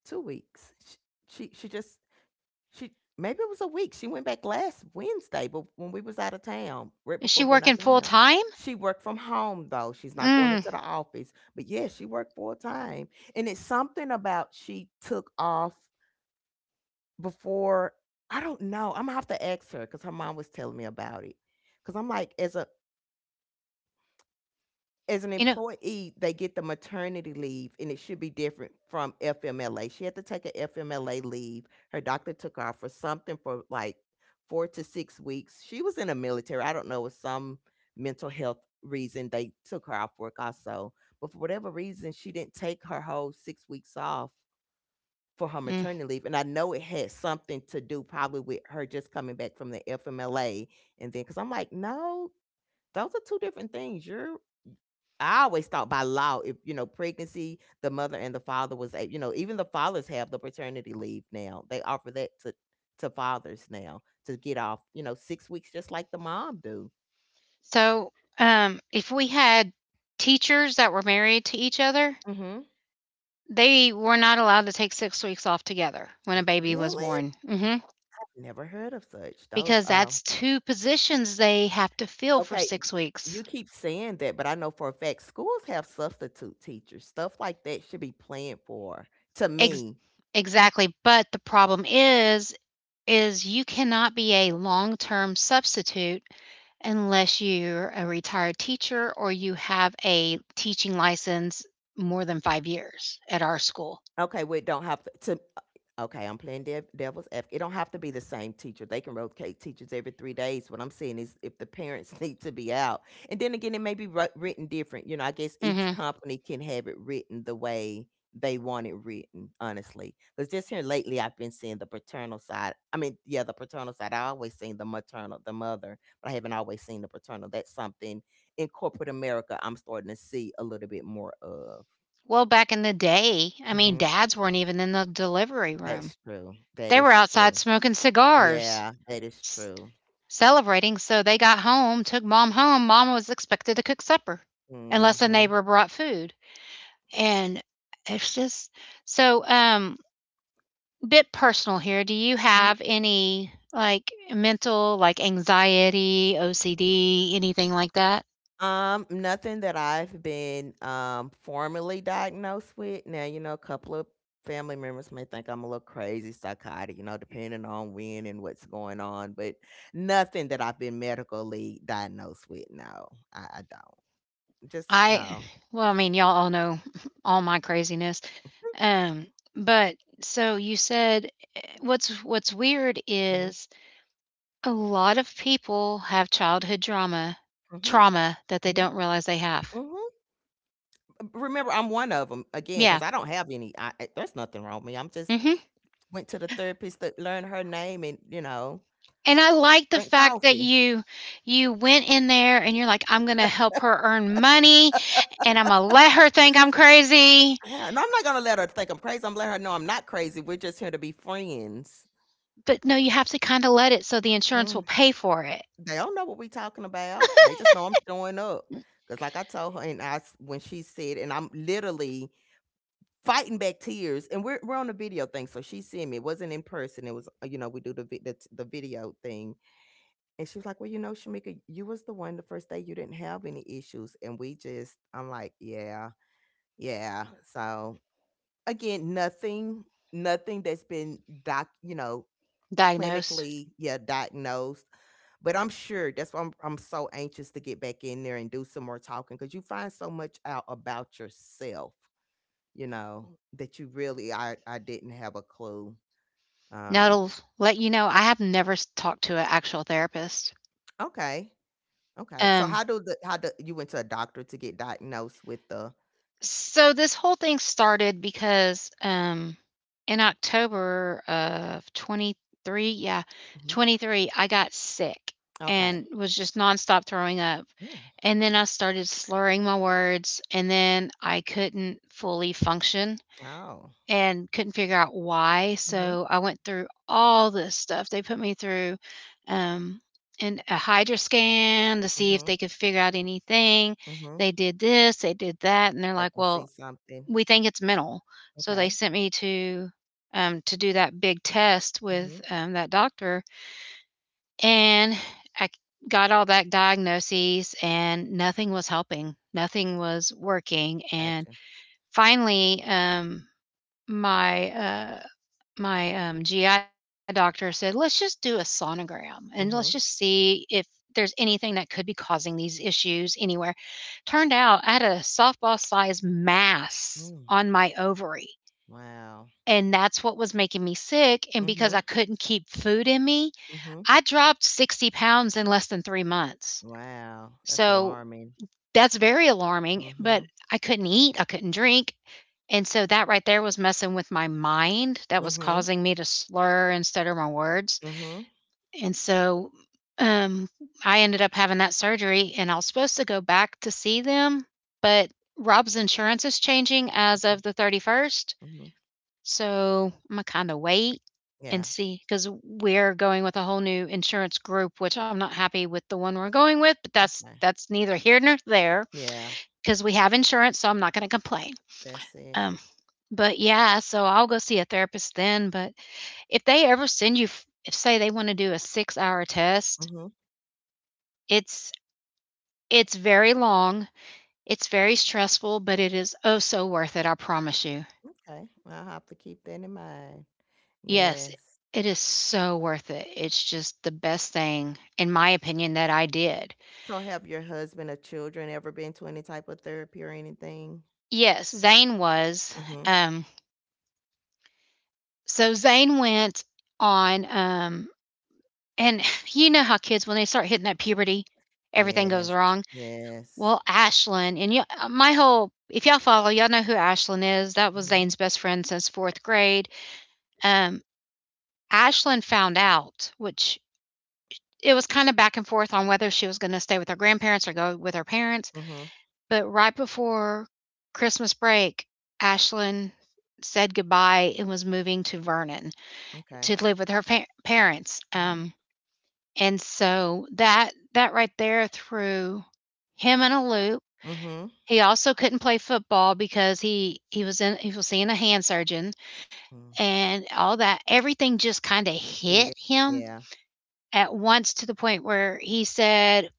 B: two weeks. She she, she just She maybe it was a week. She went back last Wednesday, but when we was out of town, right
A: Is
B: before
A: she
B: we went out
A: working
B: of
A: full
B: town.
A: time?
B: She worked from home though. She's not going
A: Mm,
B: into the office. But yeah, she worked full time. And it's something about she took off before, I don't know. I'm gonna have to ask her because her mom was telling me about it. Cause I'm like, as a as an
A: you know,
B: employee, they get the maternity leave, and it should be different from F M L A. She had to take an F M L A leave. Her doctor took her off for something for like four to six weeks. She was in the military. I don't know, with some mental health reason, they took her off work also. But for whatever reason, she didn't take her whole six weeks off for her
A: mm.
B: maternity leave. And I know it had something to do probably with her just coming back from the F M L A. And then, because I'm like, no, those are two different things. You're I always thought by law, if you know, pregnancy, the mother and the father was a, you know, even the fathers have the paternity leave now. They offer that to to fathers now to get off, you know, six weeks, just like the mom do.
A: So, um, if we had teachers that were married to each other,
B: Hmm.
A: they were not allowed to take six weeks off together when a baby was
B: Really?
A: born. Hmm.
B: I've never heard of such. Those,
A: Because
B: um,
A: that's two positions they have to fill for
B: okay,
A: six
B: you
A: weeks.
B: keep saying that, but I know for a fact schools have substitute teachers. Stuff like that should be planned for. To
A: Ex-
B: me,
A: exactly. But the problem is, is you cannot be a long-term substitute unless you're a retired teacher or you have a teaching license more than five years at our school.
B: okay, we don't have to. To uh, okay, I'm playing dev, devil's advocate. It don't have to be the same teacher. They can rotate teachers every three days. What I'm saying is, if the parents <laughs> need to be out, and then again, it may be wri- written different. You know, I guess each
A: Hmm.
B: company can have it written the way they want it written. Honestly, because just here lately, I've been seeing the paternal side. I mean, yeah, the paternal side. I always seen the maternal, the mother, but I haven't always seen the paternal. That's something in corporate America I'm starting to see a little bit more of.
A: Well, back in the day, I mean, dads weren't even in the delivery room.
B: That's true. That
A: They were
B: is
A: outside
B: true.
A: smoking cigars.
B: Yeah, that is
A: s-
B: true.
A: Celebrating. So they got home, took mom home. Mom was expected to cook supper unless a
B: Mm-hmm.
A: neighbor brought food. And it's just so um bit personal here. Do you
B: Hmm.
A: have any like mental, like anxiety, O C D, anything like that?
B: Um, nothing that I've been um formally diagnosed with. Now, you know, a couple of family members may think I'm a little crazy, psychotic, you know, depending on when and what's going on, but nothing that I've been medically diagnosed with. No, I, I don't. Just
A: I
B: no.
A: Well, I mean, y'all all know <laughs> all my craziness. Um but so you said— eh, what's what's weird
B: Hmm.
A: is a lot of people have childhood drama—
B: Hmm.
A: trauma that they
B: Hmm.
A: don't realize they have.
B: Hmm. Remember, I'm one of them again
A: Yeah,
B: because I don't have any. I, I- there's nothing wrong with me. I'm just,
A: mhm.
B: went to the therapist that learned her name and, you know,
A: And I like the
B: drink
A: fact that
B: coffee.
A: you you went in there and you're like, "I'm gonna help her earn money, and Imma let her think I'm crazy."
B: Yeah, no, I'm not gonna let her think I'm crazy. I'm letting her know I'm not crazy. We're just here to be friends.
A: But no, you have to kinda let it, so the insurance will
B: Mm.
A: pay for it.
B: They don't know what we talking about. They just know
A: <laughs>
B: I'm showing up. Cause like I told her, and I s- when she said, and I'm literally fighting back tears, and we're we're on a video thing, so she's seeing me. It wasn't in person. It was uh, you know we do the vi- the, the video thing, and she was like, well, you know, Shamika, you was the one the first day you didn't have any issues, and we just, I'm like, yeah. Yeah. So again, nothing, nothing that's been doc, you know,
A: Diagnosed.
B: clinically, yeah, diagnosed. But I'm sure that's why I'm I'm so anxious to get back in there and do some more talking because you find so much out about yourself, you know, that you really, I I didn't have a clue.
A: Now
B: Um.
A: it'll let you know I have never s talked to an actual therapist.
B: Okay. Okay. So
A: Um
B: how do the how do you went to a doctor to get diagnosed with the?
A: So this whole thing started because um in October of twenty-three, yeah,
B: Mhm.
A: twenty-three, I got sick
B: Okay.
A: and was just nonstop throwing up.
B: Mm.
A: And then I started slurring my words, and then I couldn't fully function
B: Oh.
A: and couldn't figure out why.
B: Mm-hmm.
A: So I went through all this stuff. They put me through um and a hydra scan to see if
B: Mm-hmm.
A: they could figure out anything.
B: Mm-hmm.
A: They did this, they did that, and they're
B: They
A: like,
B: can see
A: well,
B: something.
A: we think it's mental. So they
B: Okay.
A: sent me to um, to do that big test with
B: Mhm.
A: um, that doctor, and I got all that diagnoses, and nothing was helping. Nothing was working, and
B: Gotcha.
A: finally, um, my uh, my um, G I doctor said, "Let's just do a sonogram, and let's just
B: Mhm.
A: see if there's anything that could be causing these issues anywhere." Turned out I had a softball sized mass
B: Mm.
A: on my ovary,
B: Wow.
A: and that's what was making me sick, and because
B: Mhm.
A: I couldn't keep food in me,
B: Mhm.
A: I dropped sixty pounds in less than three months.
B: Wow. That's
A: So,
B: alarming.
A: that's very alarming, but
B: Mhm.
A: I couldn't eat, I couldn't drink, and so that right there was messing with my mind, that was
B: Mhm.
A: causing me to slur and stutter my words.
B: Mhm.
A: And so, um, I ended up having that surgery, and I was supposed to go back to see them, but Rob's insurance is changing as
B: Mhm.
A: of the thirty-first,
B: Mhm.
A: so I'm gonna kind of wait
B: Yeah.
A: and see, because we're going with a whole new insurance group, which I'm not happy with the one we're going with, but that's
B: Okay.
A: that's neither here nor there,
B: Yeah.
A: because we have insurance, so I'm not gonna complain.
B: That's it.
A: Um, but yeah, so I'll go see a therapist then. But if they ever send you, f- if say they want to do a six hour test,
B: Mhm.
A: it's it's very long, it's very stressful, but it is oh so worth it. I promise you.
B: Okay. Well, I'll have to keep that in mind.
A: Yes,
B: Yes.
A: it is so worth it. It's just the best thing, in my opinion, that I did.
B: So, have your husband or children ever been to any type of therapy or anything?
A: Yes, Zane was.
B: Mhm.
A: Um, so Zane went on, um, and <sighs> you know how kids, when they start hitting that puberty, everything goes
B: Yes.
A: wrong.
B: Yes.
A: Well, Ashlyn— and you, my whole— if y'all follow, y'all know who Ashlyn is. That was
B: Mhm.
A: Zane's best friend since fourth grade. Um, Ashlyn found out, which— it was kind of back and forth on whether she was going to stay with her grandparents or go with her parents.
B: Mhm.
A: But right before Christmas break, Ashlyn said goodbye and was moving to Vernon
B: Okay.
A: to live with her fa- parents.
B: Mhm.
A: Um, and so that— that right there threw him in a loop.
B: Mhm.
A: He also couldn't play football because he he was in he was seeing a hand surgeon
B: Mm.
A: and all that. Everything just kind of
B: Get
A: hit
B: it.
A: him
B: Yeah.
A: at once to the point where he said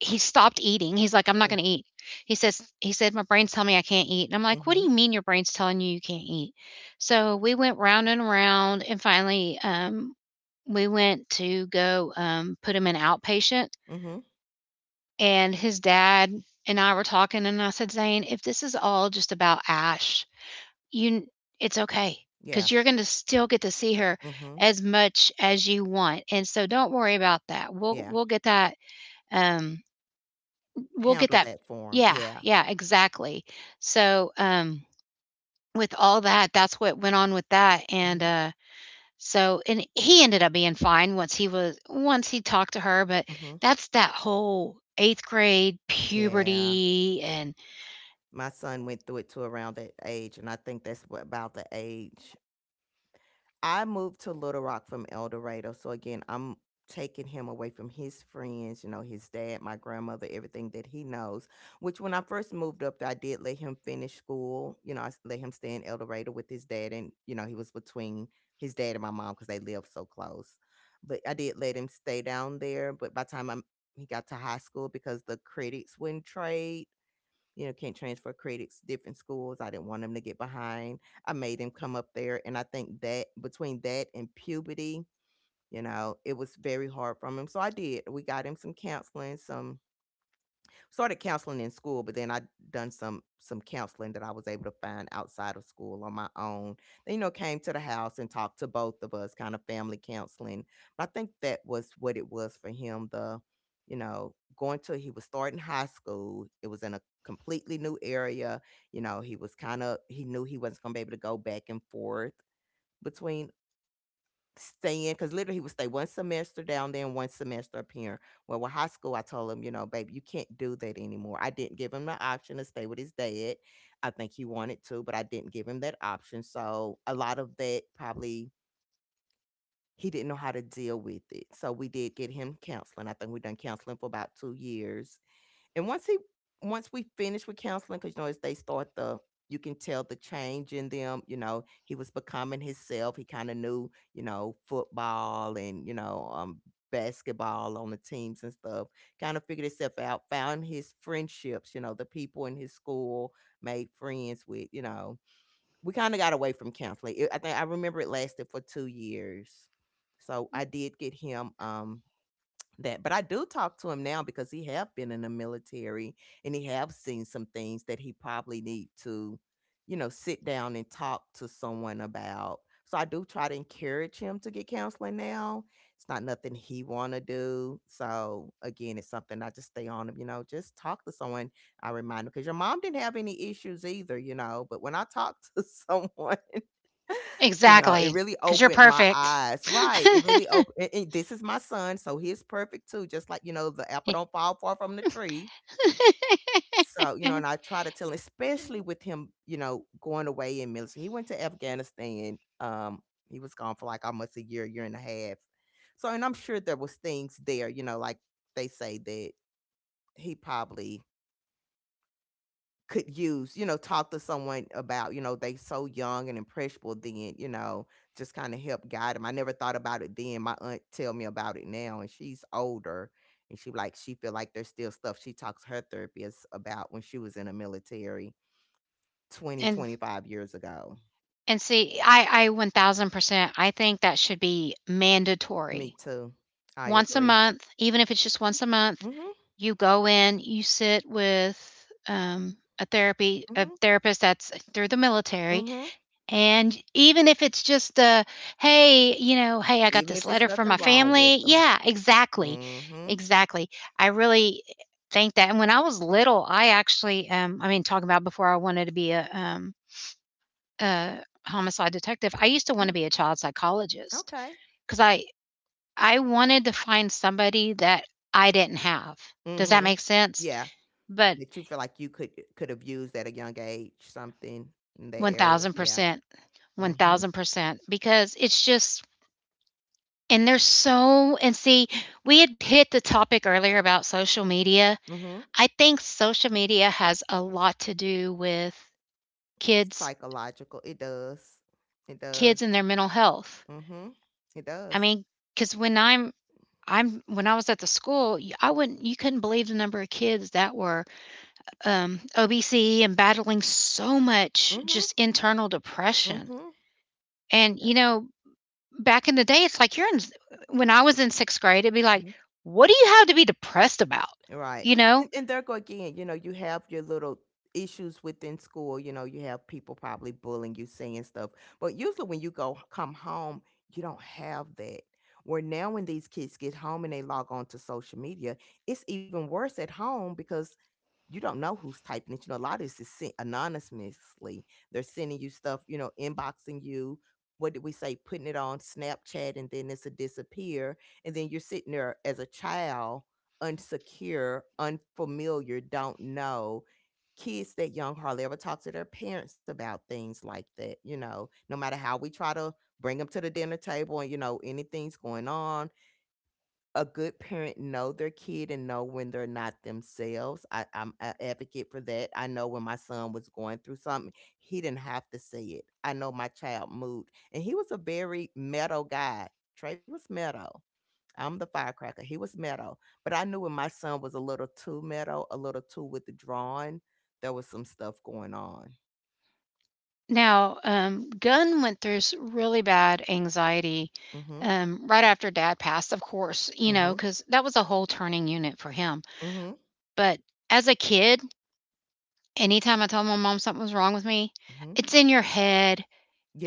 A: he stopped eating. He's like, "I'm not
B: Mm.
A: gonna eat." He says he said, "My brain's telling me I can't eat." And I'm like, "What do
B: Mhm.
A: you mean your brain's telling you you can't eat?" So we went round and round, and finally, um, we went to go um, put him in outpatient.
B: Mhm.
A: And his dad and I were talking, and I said, "Zane, if this is all just about Ash, you it's okay.
B: Yeah.
A: Because you're going to still get to see her
B: Mhm.
A: as much as you want, and so don't worry about that." We'll
B: Yeah.
A: we'll get that um, we'll get
B: Handle
A: that.
B: that for 'em.
A: Yeah,
B: Yeah.
A: yeah, exactly. So, um, with all that, that's what went on with that, and,
B: Mhm.
A: uh, so and he ended up being fine once he was once he talked to her, but
B: Mhm.
A: that's that whole eighth grade
B: Yeah.
A: puberty and
B: My son went through it to around that age, and I think that's what about the age I moved to Little Rock from El Dorado. So again, I'm taking him away from his friends, you know, his dad, my grandmother, everything that he knows. Which when I first moved up there, I did let him finish school. You know, I s- let him stay in El Dorado with his dad. And, you know, he was between his dad and my mom because they lived so close. But I did let him stay down there. But by the time I'm, he got to high school because the credits wouldn't trade, you know, can't transfer credits different schools. I didn't want them to get behind. I made him come up there. And I think that between that and puberty, you know, it was very hard for him. So I did. We got him some counseling, some started counseling in school, but then I done some some counseling that I was able to find outside of school on my own. They, you know, came to the house and talked to both of us, kind of family counseling. But I think that was what it was for him. The, you know, going to, he was starting high school. It was in a completely new area. You know, he was kind of, he knew he wasn't gonna be able to go back and forth between staying because literally he would stay one semester down there and one semester up here. Well, with high school, I told him, you know, baby, you can't do that anymore. I didn't give him the option to stay with his dad. I think he wanted to, but I didn't give him that option. So a lot of that probably he didn't know how to deal with it. So we did get him counseling. I think we done counseling for about two years, and once he, once we finished with counseling, because you know, as they start the, you can tell the change in them, you know, he was becoming himself. He kind of knew, you know, football and, you know, um basketball on the teams and stuff. Kind of figured himself out, found his friendships, you know, the people in his school made friends with, you know. We kind of got away from counseling. It- I think I remember it lasted for two years. So I did get him um that, but I do talk to him now because he have been in the military and he have seen some things that he probably need to, you know, sit down and talk to someone about. So I do try to encourage him to get counseling now. It's not nothing he want to do, so again it's something I just stay on him, you know, just talk to someone. I remind him because your mom didn't have any issues either, you know, but when I talk to <laughs> someone, you know,
A: exactly,
B: it
A: because
B: really
A: 'cause you're
B: opened my
A: perfect.
B: eyes. Right. It really opened. And, and this is my son, so he's perfect too. Just like, you know, the apple don't fall far from the tree. So you know, and I
A: <laughs>
B: try to tell, especially with him, you know, going away in military. He went to Afghanistan. Um, he was gone for like almost a year, year and a half. So, and I'm sure there was things there. You know, like they say that he probably could use, you know, talk to someone about, you know, they so young and impressionable then, you know, just kind of help guide them. I never thought about it then. My aunt tell me about it now and she's older, and she like she feel like there's still stuff she talks to her therapist about when she was in the military twenty
A: And
B: twenty five years ago.
A: and see, I I one thousand percent, I think that should be
B: Me
A: mandatory.
B: too. I
A: Once a
B: agree.
A: month, even if it's just once a month,
B: Mhm.
A: you go in, you sit with um, a therapy a
B: Mhm.
A: therapist that's through the military.
B: Mhm.
A: And even if it's just a, hey, you know, hey, I got
B: Even
A: this
B: if it's
A: letter from
B: nothing
A: my
B: wrong
A: family.
B: with them.
A: Yeah, exactly.
B: Mhm.
A: Exactly. I really think that. And when I was little, I actually, um, I mean, talking about before I wanted to be a, um, a homicide detective, I used to want to
B: Mm,
A: be a child psychologist
B: okay.
A: because I, I wanted to find somebody that I didn't have. Does that
B: Mhm.
A: make sense?
B: Yeah.
A: But
B: That you feel like you could uh, could have used at a young age, something in that area, yeah.
A: one thousand percent,
B: Mhm,
A: one thousand percent, because it's just. And there's so and see, we had hit the topic earlier about social media.
B: mhm.
A: I think social media has a lot to do with kids
B: Psychological, it does. It does.
A: kids and their mental health.
B: Mhm. It
A: I
B: does.
A: mean, because when I'm I'm when I was at the school, y I wouldn't you couldn't believe the number of kids that were, um, obese and battling so much
B: Mhm,
A: just internal depression.
B: mhm.
A: And, you
B: Yep,
A: know, back in the day, it's like you're in when I was in sixth grade, it'd be like,
B: mhm.
A: "What do you have to be depressed about?"
B: Right,
A: You know?
B: and and there go again, you know, you have your little issues within school, you know, you have people probably bullying you, saying stuff, but usually when you go come home, you don't have that. Where now when these kids get home and they log on to social media, it's even worse at home because you don't know who's typing it. You know, a lot of this is sent anonymously. They're sending you stuff, you know, inboxing you. What did we say? Putting it on Snapchat and then it's a disappear. And then you're sitting there as a child, unsecure, unfamiliar, don't know. Kids that young hardly ever talk to their parents about things like that, you know, no matter how we try to bring them to the dinner table and, you know, anything's going on, a good parent know their kid and know when they're not themselves. I, I'm an advocate for that. I know when my son was going through something, he didn't have to say it. I know my child moved, and he was a very meadow guy. Trey was meadow. I'm the firecracker. He was meadow, but I knew when my son was a little too meadow, a little too withdrawn. There was some stuff going on.
A: Now, um, Gunn went through s really bad anxiety,
B: Mm-hmm.
A: um, right after dad passed, of course, you
B: Mm-hmm.
A: know, because that was a whole turning unit for him.
B: Mm-hmm.
A: But as a kid, anytime I told my mom something was wrong with me,
B: Mm-hmm.
A: "It's in your head.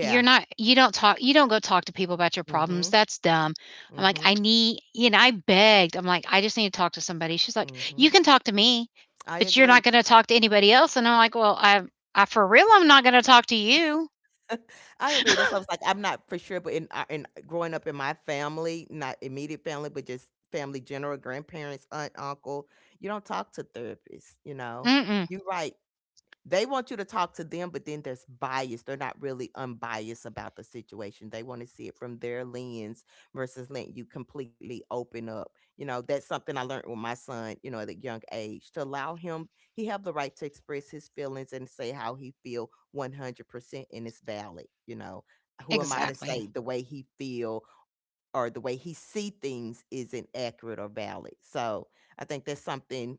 A: You're not you don't talk you don't go talk to people about your problems.
B: Mm-hmm.
A: That's dumb." I'm like,
B: Mm-hmm.
A: "I need." You know, I begged. I'm like, "I just need to talk to somebody." She's like,
B: Mm-hmm.
A: "You can talk to me,
B: I
A: but you're
B: agree.
A: not gonna talk to anybody else." And I'm like, "Well, I I for real, I'm not gonna talk to you."
B: <laughs> I agree. That's why I was like, I'm not for sure, but in uh, in growing up in my family, not immediate family, but just family general, grandparents, aunt, uncle, you don't talk to therapists. You know,
A: Mm.
B: you're right. They want you to talk to them, but then there's bias. They're not really unbiased about the situation. They want to see it from their lens versus letting you completely open up. You know, that's something I learned with my son, you know, at a young age, to allow him, he have the right to express his feelings and say how he feel one hundred percent and it's valid, you know. Who am I to
A: Exactly.
B: say the way he feel or the way he see things isn't accurate or valid? So I think that's something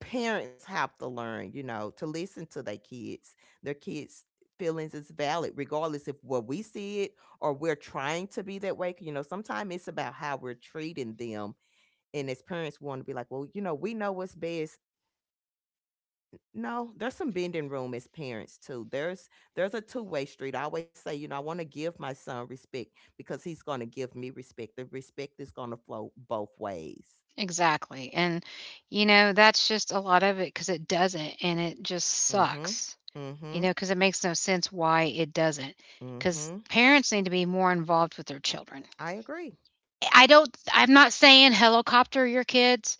B: parents have to learn, you know, to listen to their kids. Their kids' feelings is valid, regardless if what we see it or we're trying to be that way. You know, sometimes it's about how we're treating them. And as parents, we want to be like, well, you know, we know what's best. No, there's some bending room as parents too. There's there's a two way street. I always say, you know, I want to give my son respect because he's going to give me respect. The respect is going to flow both ways.
A: Exactly. And, you know, that's just a lot of it because it doesn't. And it just
B: Mhm.
A: sucks, you know,
B: Mhm.
A: because it makes no sense why it doesn't. Because
B: Mhm.
A: parents need to be more involved with their children.
B: I agree.
A: I don't, I'm not saying helicopter your kids.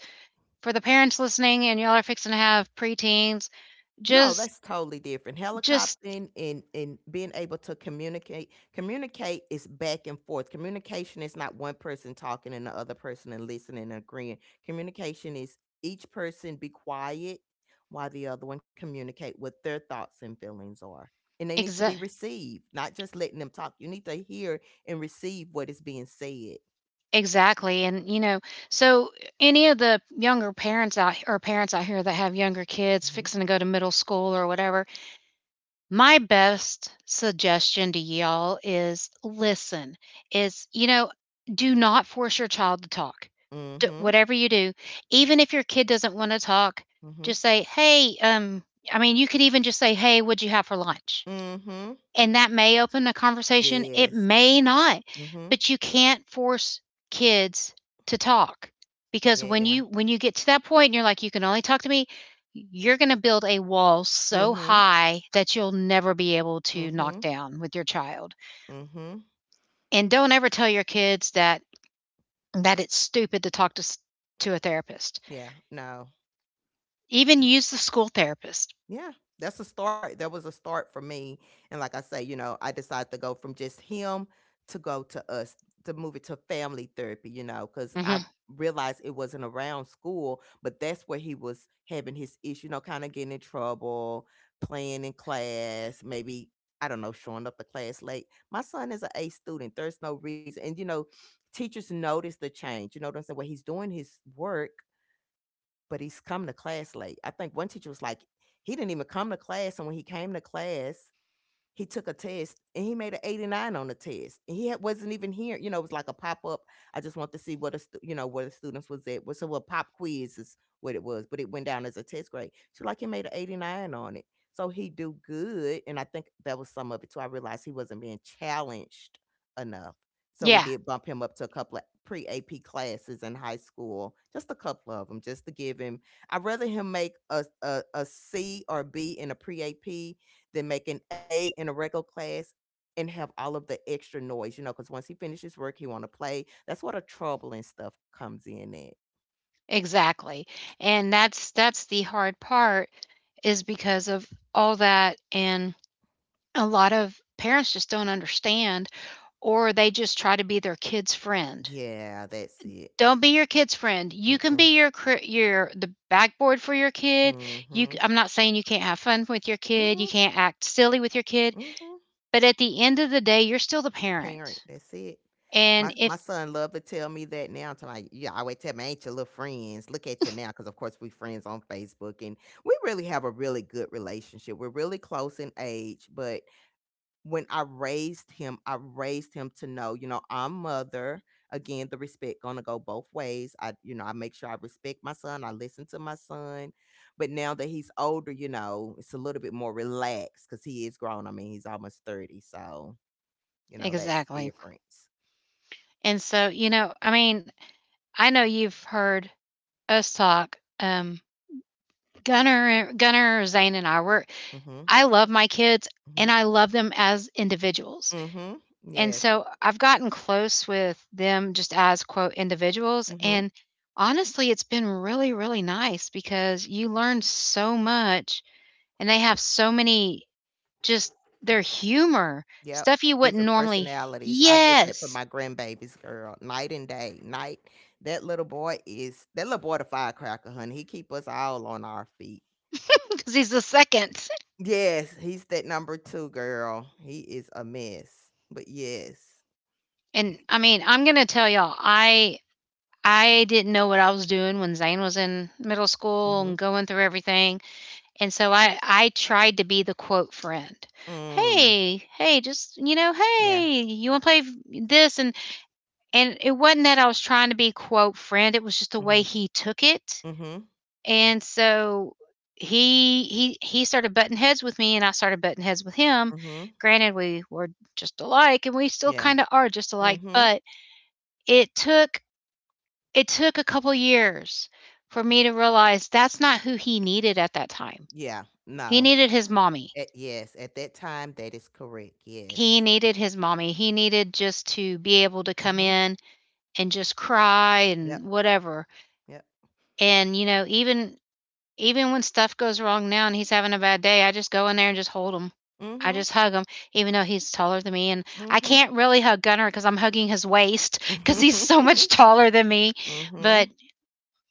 A: For the parents listening and y'all are fixing to have preteens,
B: No,
A: just,
B: that's totally different.
A: just,
B: Helicoptering and and being able to communicate communicate is back and forth. Communication is not one person talking and the other person and listening and agreeing. Communication is each person be quiet while the other one communicate what their thoughts and feelings are. And they need to
A: exa-
B: be received, not just letting them talk. You need to hear and receive what is being said.
A: exactly. And, you know, so any of the younger parents out or parents out here that have younger kids
B: Mhm.
A: fixing to go to middle school or whatever, my best suggestion to y'all is listen, is, you know, do not force your child to talk. D-
B: Mhm.
A: whatever you do, even if your kid doesn't want to talk,
B: Mhm.
A: just say, hey, um, I mean, you could even just say, hey, what'd you have for lunch?
B: Mhm.
A: And that may open a conversation. It
B: Yes.
A: may not,
B: Mhm.
A: but you can't force kids to talk because when
B: Yeah.
A: you when you get to that point and you're like you can only talk to me, you're going to build a wall so
B: Mhm.
A: high that you'll never be able to knock
B: Mhm.
A: down with your child.
B: Mhm.
A: And don't ever tell your kids that that it's stupid to talk to to a therapist.
B: Yeah, no.
A: Even
B: Mm,
A: use the school therapist.
B: yeah, that's a start. That was a start for me. And like I say, you know, I decided to go from just him to go to us to move it to family therapy, you know, because I
A: Hmm.
B: realized it wasn't around school, but that's where he was having his issue, you know, kind of getting in trouble, playing in class, maybe. I don't know, showing up to class late. My son is an A student. There's no reason. And, you know, teachers notice the change. You know what I'm saying? Where he's doing his work but he's come to class late. I think one teacher was like, he didn't even come to class. And when he came to class, he took a test and he made an eighty-nine on the test. And he had, wasn't even here. You know, it was like a pop up. I just want to see what a stu- you know where the students was at. Well, so a pop quiz is what it was, but it went down as a test grade. So like he made an eighty-nine on it. So he do good, and I think that was some of it too. I realized he wasn't being challenged enough. So we
A: Yeah.
B: did bump him up to a couple of pre A P classes in high school, just a couple of them, just to give him. I'd rather him make a a, a C or a B in a pre A P than make an A in a regular class and have all of the extra noise, you know, because once he finishes work, he want to play. That's where the trouble and stuff comes in at.
A: Exactly, and that's that's the hard part is because of all that and a lot of parents just don't understand or they just try to be their kid's friend.
B: Yeah, that's it.
A: Don't be your kid's friend. You can
B: Mm-mm.
A: be your cr- your the backboard for your kid. You c-
B: Mm-hmm.
A: I'm not saying you can't have fun with your kid, you
B: Mm-hmm.
A: can't act silly with your kid,
B: Mm-hmm.
A: but at the end of the day, you're still the parent.
B: Parent, that's it.
A: And
B: My
A: if
B: my son love to tell me that now. To like, yeah, I always tell me, ain't your little friends? Look at you now, because of course we friends on Facebook, and we really have a really good relationship. We're really close in age, but when I raised him, I raised him to know, you know, I'm mother. Again, the respect gonna go both ways. I, you know, I make sure I respect my son. I listen to my son. But now that he's older, you know, it's a little bit more relaxed because he is grown. I mean, he's almost thirty, so you know that's the
A: exactly.
B: difference.
A: And so, you know, I mean, I know you've heard us talk um Gunner Gunner, Zane, and I were
B: Mm-hmm.
A: I love my kids
B: Mm-hmm.
A: and I love them as individuals.
B: Mm-hmm.
A: And
B: Yes.
A: so I've gotten close with them just as quote individuals
B: Mm-hmm.
A: and honestly it's been really really nice because you learn so much and they have so many just their humor,
B: Yep,
A: stuff you wouldn't
B: different
A: normally.
B: personalities. I get that from
A: Yes,
B: my grandbabies, girl, night and day. Night, that little boy is that little boy the firecracker, honey. He keep us all on our feet.
A: <laughs> because he's the second.
B: Yes, he's that number two girl. He is a mess, but yes.
A: And I mean, I'm going to tell y'all, I I didn't know what I was doing when Zane was in middle school and
B: Mhm.
A: going through everything. And so I, I tried to be the quote friend.
B: Mm.
A: Hey, hey, just, you know,
B: Yeah.
A: hey, you want to play v- this? And, and it wasn't that I was trying to be quote friend. It was just the way
B: Mhm.
A: he took it.
B: Mhm.
A: And so he, he, he started butting heads with me and I started butting heads with him.
B: Mhm.
A: Granted, we were just alike and we still
B: Yeah.
A: kind of are just alike,
B: Mhm.
A: but it took it took a couple years for me to realize that's not who he needed at that time.
B: Yeah.
A: He
B: No.
A: needed his mommy.
B: At, yes. At that time, that is correct.
A: He
B: Yes.
A: needed his mommy. He needed just to be able to come
B: Mhm.
A: in and just cry
B: Yep.
A: and whatever.
B: Yep.
A: And you know, even even when stuff goes wrong now and he's having a bad day, I just go in there and just hold him. I
B: Mhm.
A: just hug him, even though he's taller than me. And I
B: Mhm.
A: can't really hug Gunnar because I'm hugging his waist
B: <laughs>
A: <laughs> because he's
B: Mhm.
A: so much taller than me.
B: Mhm.
A: But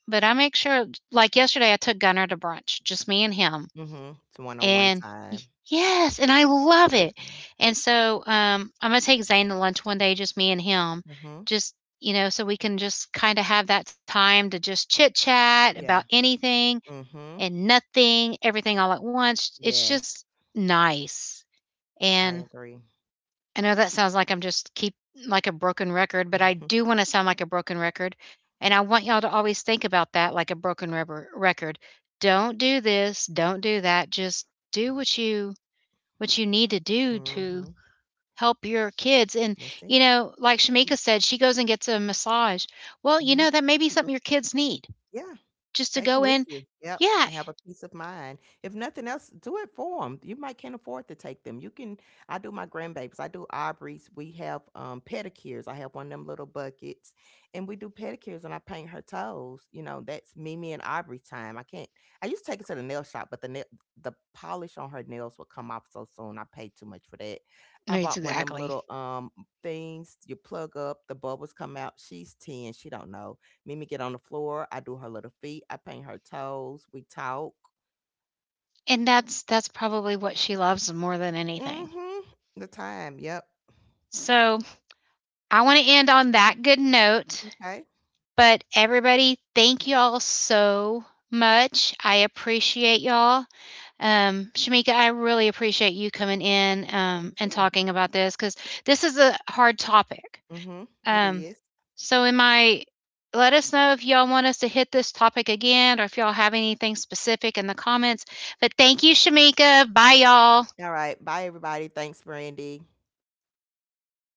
A: But I make sure like yesterday I took Gunnar to brunch, just me and him,
B: Mhm. It's one-on-one
A: and y
B: time.
A: yes, and I love it.
B: Mhm.
A: And so, um, I'm gonna take Zane to lunch one day, just me and him,
B: Mhm.
A: just, you know, so we can just kinda have that time to just chit chat about
B: Yeah.
A: anything
B: Mhm.
A: and nothing, everything all at once. It's just
B: Yes.
A: nice.
B: I
A: And
B: agree.
A: I know that sounds like I'm just keep like a broken record, but I
B: Mhm.
A: do want to sound like a broken record. And I want y'all to always think about that like a broken rubber record. Don't do this, don't do that. Just do what you what you need to do to
B: Mhm.
A: help your kids. And
B: That's it.
A: you know, like Shamika said, she goes and gets a massage. Well, you
B: Mhm.
A: know, that may be something your kids need.
B: Yeah.
A: Just to
B: Take them
A: go
B: with
A: in,
B: you. Yep,
A: yeah,
B: have a peace of mind. If nothing else, do it for them. You might can't afford to take them. You can, I do my grandbabies, I do Aubrey's. We have, um, pedicures. I have one of them little buckets, and we do pedicures, and I paint her toes, you know, that's Mimi and Aubrey time. I can't I used to take her to the nail shop, but the nail the polish on her nails would come off so soon. I paid too much for that. I
A: it's
B: bought one of them
A: exactly.
B: little, um, things you plug up, the bubbles come out. She's ten, she don't know. Mimi get on the floor. I do her little feet. I paint her toes. We talk.
A: And that's that's probably what she loves more than anything.
B: Mm-hmm. The time. Yep.
A: So, I want to end on that good note.
B: Okay.
A: But everybody, thank y'all so much. I appreciate y'all. Um, Shamika, I really appreciate you coming in
B: Thank
A: um, and
B: you.
A: talking about this because this is a hard topic.
B: Mm-hmm. It
A: Um,
B: is.
A: so, in my Let us know if y'all want us to hit this topic again or if y'all have anything specific in the comments. But thank you, Shamika. Bye, y'all.
B: All right. Bye, everybody. Thanks, Brandy.